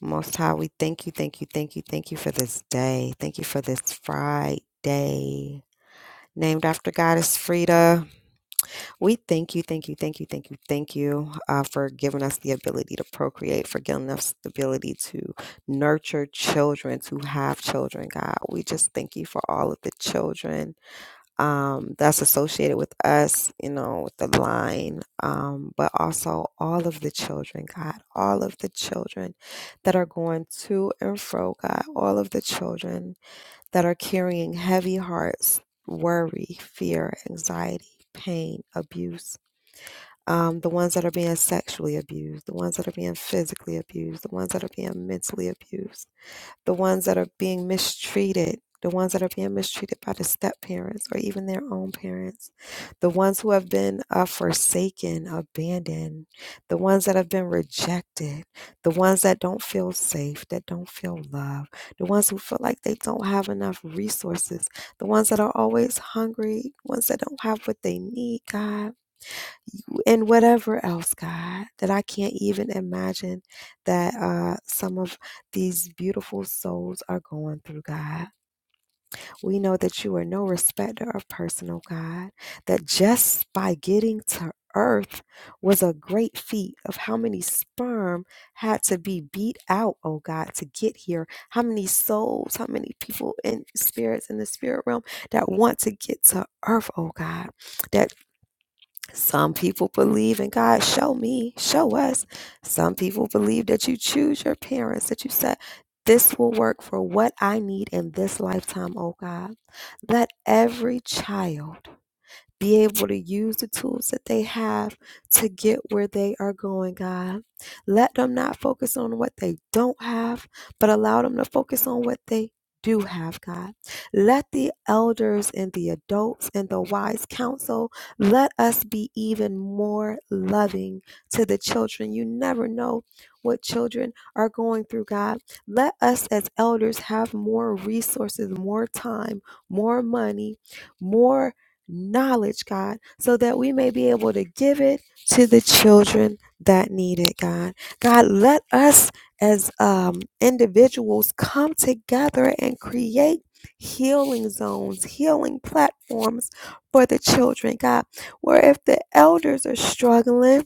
Most High, we thank you, thank you, thank you, thank you for this day. Thank you for this Friday. Named after Goddess Frida. We thank you, thank you, thank you, thank you, thank you uh, for giving us the ability to procreate, for giving us the ability to nurture children, to have children, God. We just thank you for all of the children um, that's associated with us, you know, with the line, um, but also all of the children, God, all of the children that are going to and fro, God, all of the children that are carrying heavy hearts, worry, fear, anxiety, pain, abuse. Um, the ones that are being sexually abused, the ones that are being physically abused, the ones that are being mentally abused the ones that are being mistreated, the ones that are being mistreated by the step parents or even their own parents, the ones who have been uh, forsaken, abandoned, the ones that have been rejected, the ones that don't feel safe, that don't feel loved, the ones who feel like they don't have enough resources, the ones that are always hungry, ones that don't have what they need, God and whatever else, God, that I can't even imagine that uh, some of these beautiful souls are going through, God. We know that you are no respecter of person, oh God, that just by getting to earth was a great feat of how many sperm had to be beat out, oh God, to get here. How many souls, how many people and spirits in the spirit realm that want to get to earth, oh God That. Some people believe in God, show me, show us. Some people believe that you choose your parents, that you said, This will work for what I need in this lifetime, oh God. Let every child be able to use the tools that they have to get where they are going, God. Let them not focus on what they don't have, but allow them to focus on what they do have, God. Let the elders and the adults and the wise counsel let us be even more loving to the children. You never know what children are going through, God. Let us as elders have more resources, more time, more money, more knowledge, God, so that we may be able to give it to the children that need it, God. God, let us as um, individuals come together and create healing zones, healing platforms for the children, God, where if the elders are struggling,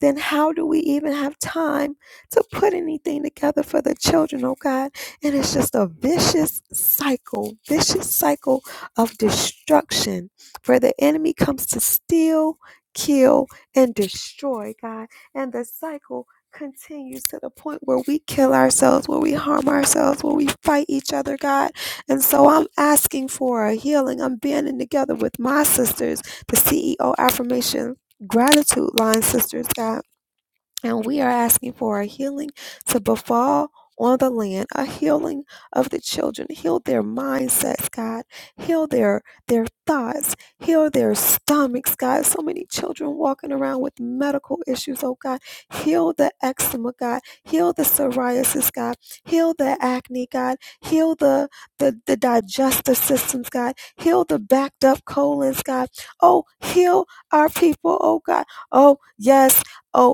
then how do we even have time to put anything together for the children, oh God? And it's just a vicious cycle, vicious cycle of destruction For the enemy comes to steal, kill, and destroy, God. And the cycle continues to the point where we kill ourselves, where we harm ourselves, where we fight each other, God. And so I'm asking for a healing. I'm banding together with my sisters, the CEO affirmation gratitude line, Sisters God. And we are asking for a healing to befall on the land, a healing of the children. Heal their mindsets, God. Heal their their thoughts. Heal their stomachs, God. So many children walking around with medical issues, oh God. Heal the eczema, God. Heal the psoriasis, God. Heal the acne, God. Heal the the, the digestive systems, God. Heal the backed up colons, God. Oh, heal our people, oh God. Oh, yes. oh.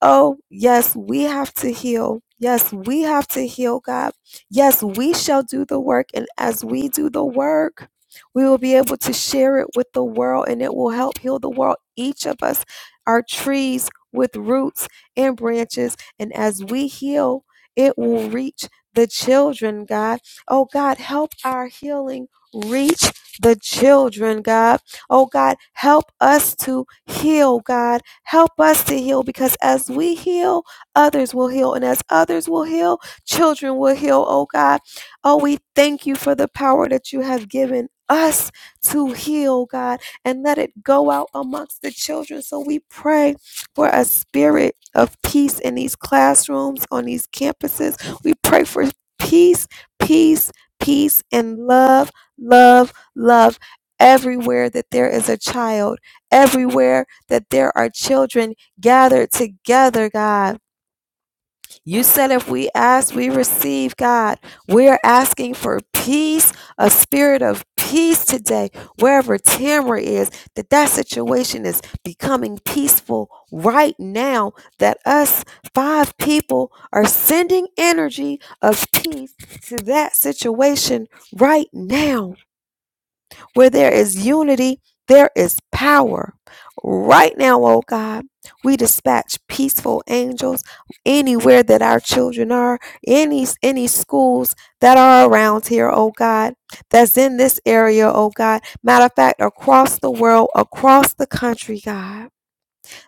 Oh, yes, we have to heal. Yes, we have to heal, God. Yes, we shall do the work. And as we do the work, we will be able to share it with the world and it will help heal the world. Each of us are trees with roots and branches. And as we heal, it will reach the children, God. Oh, God, help our healing reach the children, God. Oh God, help us to heal, God. Help us to heal because as we heal, others will heal. And as others will heal, children will heal, oh God. Oh, we thank you for the power that you have given us to heal, God, and let it go out amongst the children. So we pray for a spirit of peace in these classrooms, on these campuses. We pray for peace, peace, peace, and love, love, love everywhere that there is a child, everywhere that there are children gathered together, God. You said if we ask, we receive, God. We're asking for peace, a spirit of peace today, wherever Tamra is, that that situation is becoming peaceful right now, that us five people are sending energy of peace to that situation right now. Where there is unity, there is power. Right now, oh God, we dispatch peaceful angels anywhere that our children are, any any schools that are around here, oh God, that's in this area, oh God. Matter of fact, across the world, across the country, God.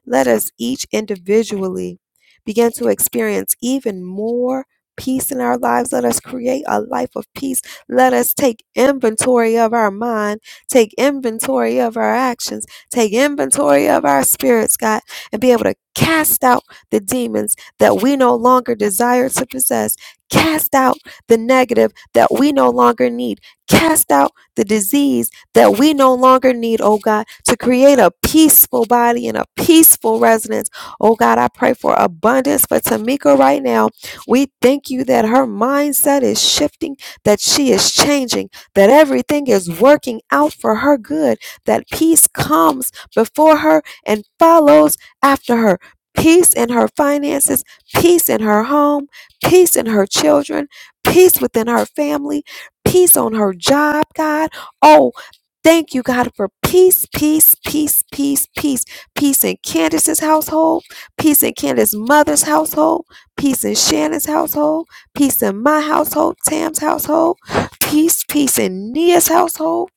Let us each individually begin to experience even more peace in our lives. Let us create a life of peace. Let us take inventory of our mind, take inventory of our actions, take inventory of our spirits, God, and be able to cast out the demons that we no longer desire to possess. Cast out the negative that we no longer need. Cast out the disease that we no longer need, oh God, to create a peaceful body and a peaceful residence. Oh God, I pray for abundance for Tamika right now. We thank you that her mindset is shifting, that she is changing, that everything is working out for her good, that peace comes before her and follows after her. Peace in her finances, peace in her home, peace in her children, peace within her family, peace on her job, God. Oh, Thank you, God, for peace, peace, peace, peace, peace, peace in Candace's household, peace in Candace's mother's household, peace in Shannon's household, peace in my household, Tam's household, peace, peace in Nia's household,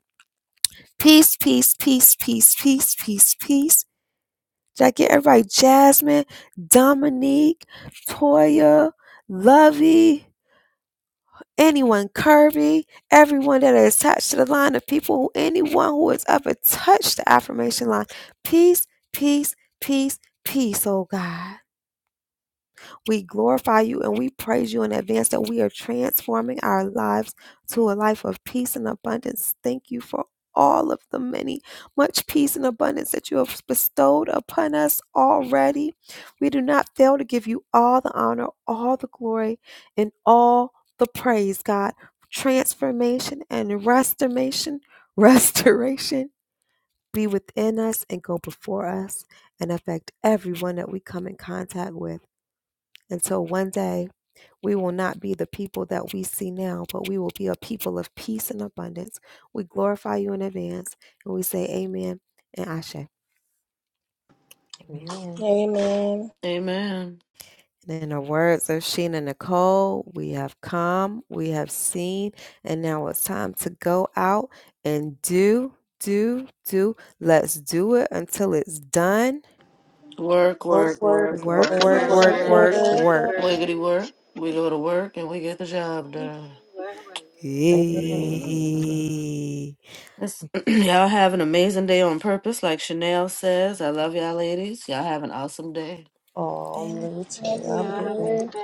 peace, peace, peace, peace, peace, peace, peace. Did I get everybody? Jasmine, Dominique, Toya, Lovey anyone Kirby, everyone that are attached to the line of people, who anyone who is ever touched the affirmation line. Peace, peace, peace, peace, oh God. We glorify you and we praise you in advance that we are transforming our lives to a life of peace and abundance. Thank you for all of the many, much peace and abundance that you have bestowed upon us already. We do not fail to give you all the honor, all the glory, and all the praise, God. Transformation and restoration, [laughs] restoration be within us and go before us and affect everyone that we come in contact with until one day we will not be the people that we see now, but we will be a people of peace and abundance. We glorify you in advance and we say amen and ashe. Amen. Amen. Amen. Amen. in the words of Sheena Nicole, we have come, we have seen, and now it's time to go out and do, do, do. Let's do it until it's done. Work, Word, work, word, work, Work, work, word, work, Work, work, work, word, work, work. work, work, word. work, work. work. Wiggity work. We go to work and we get the job done. Amen. Amen. Yay. Yes. [clears throat] y'all have an amazing day on purpose, like Chanel says. I love y'all, ladies. Y'all have an awesome day. Oh, let me tell Love you. Have a good day. you.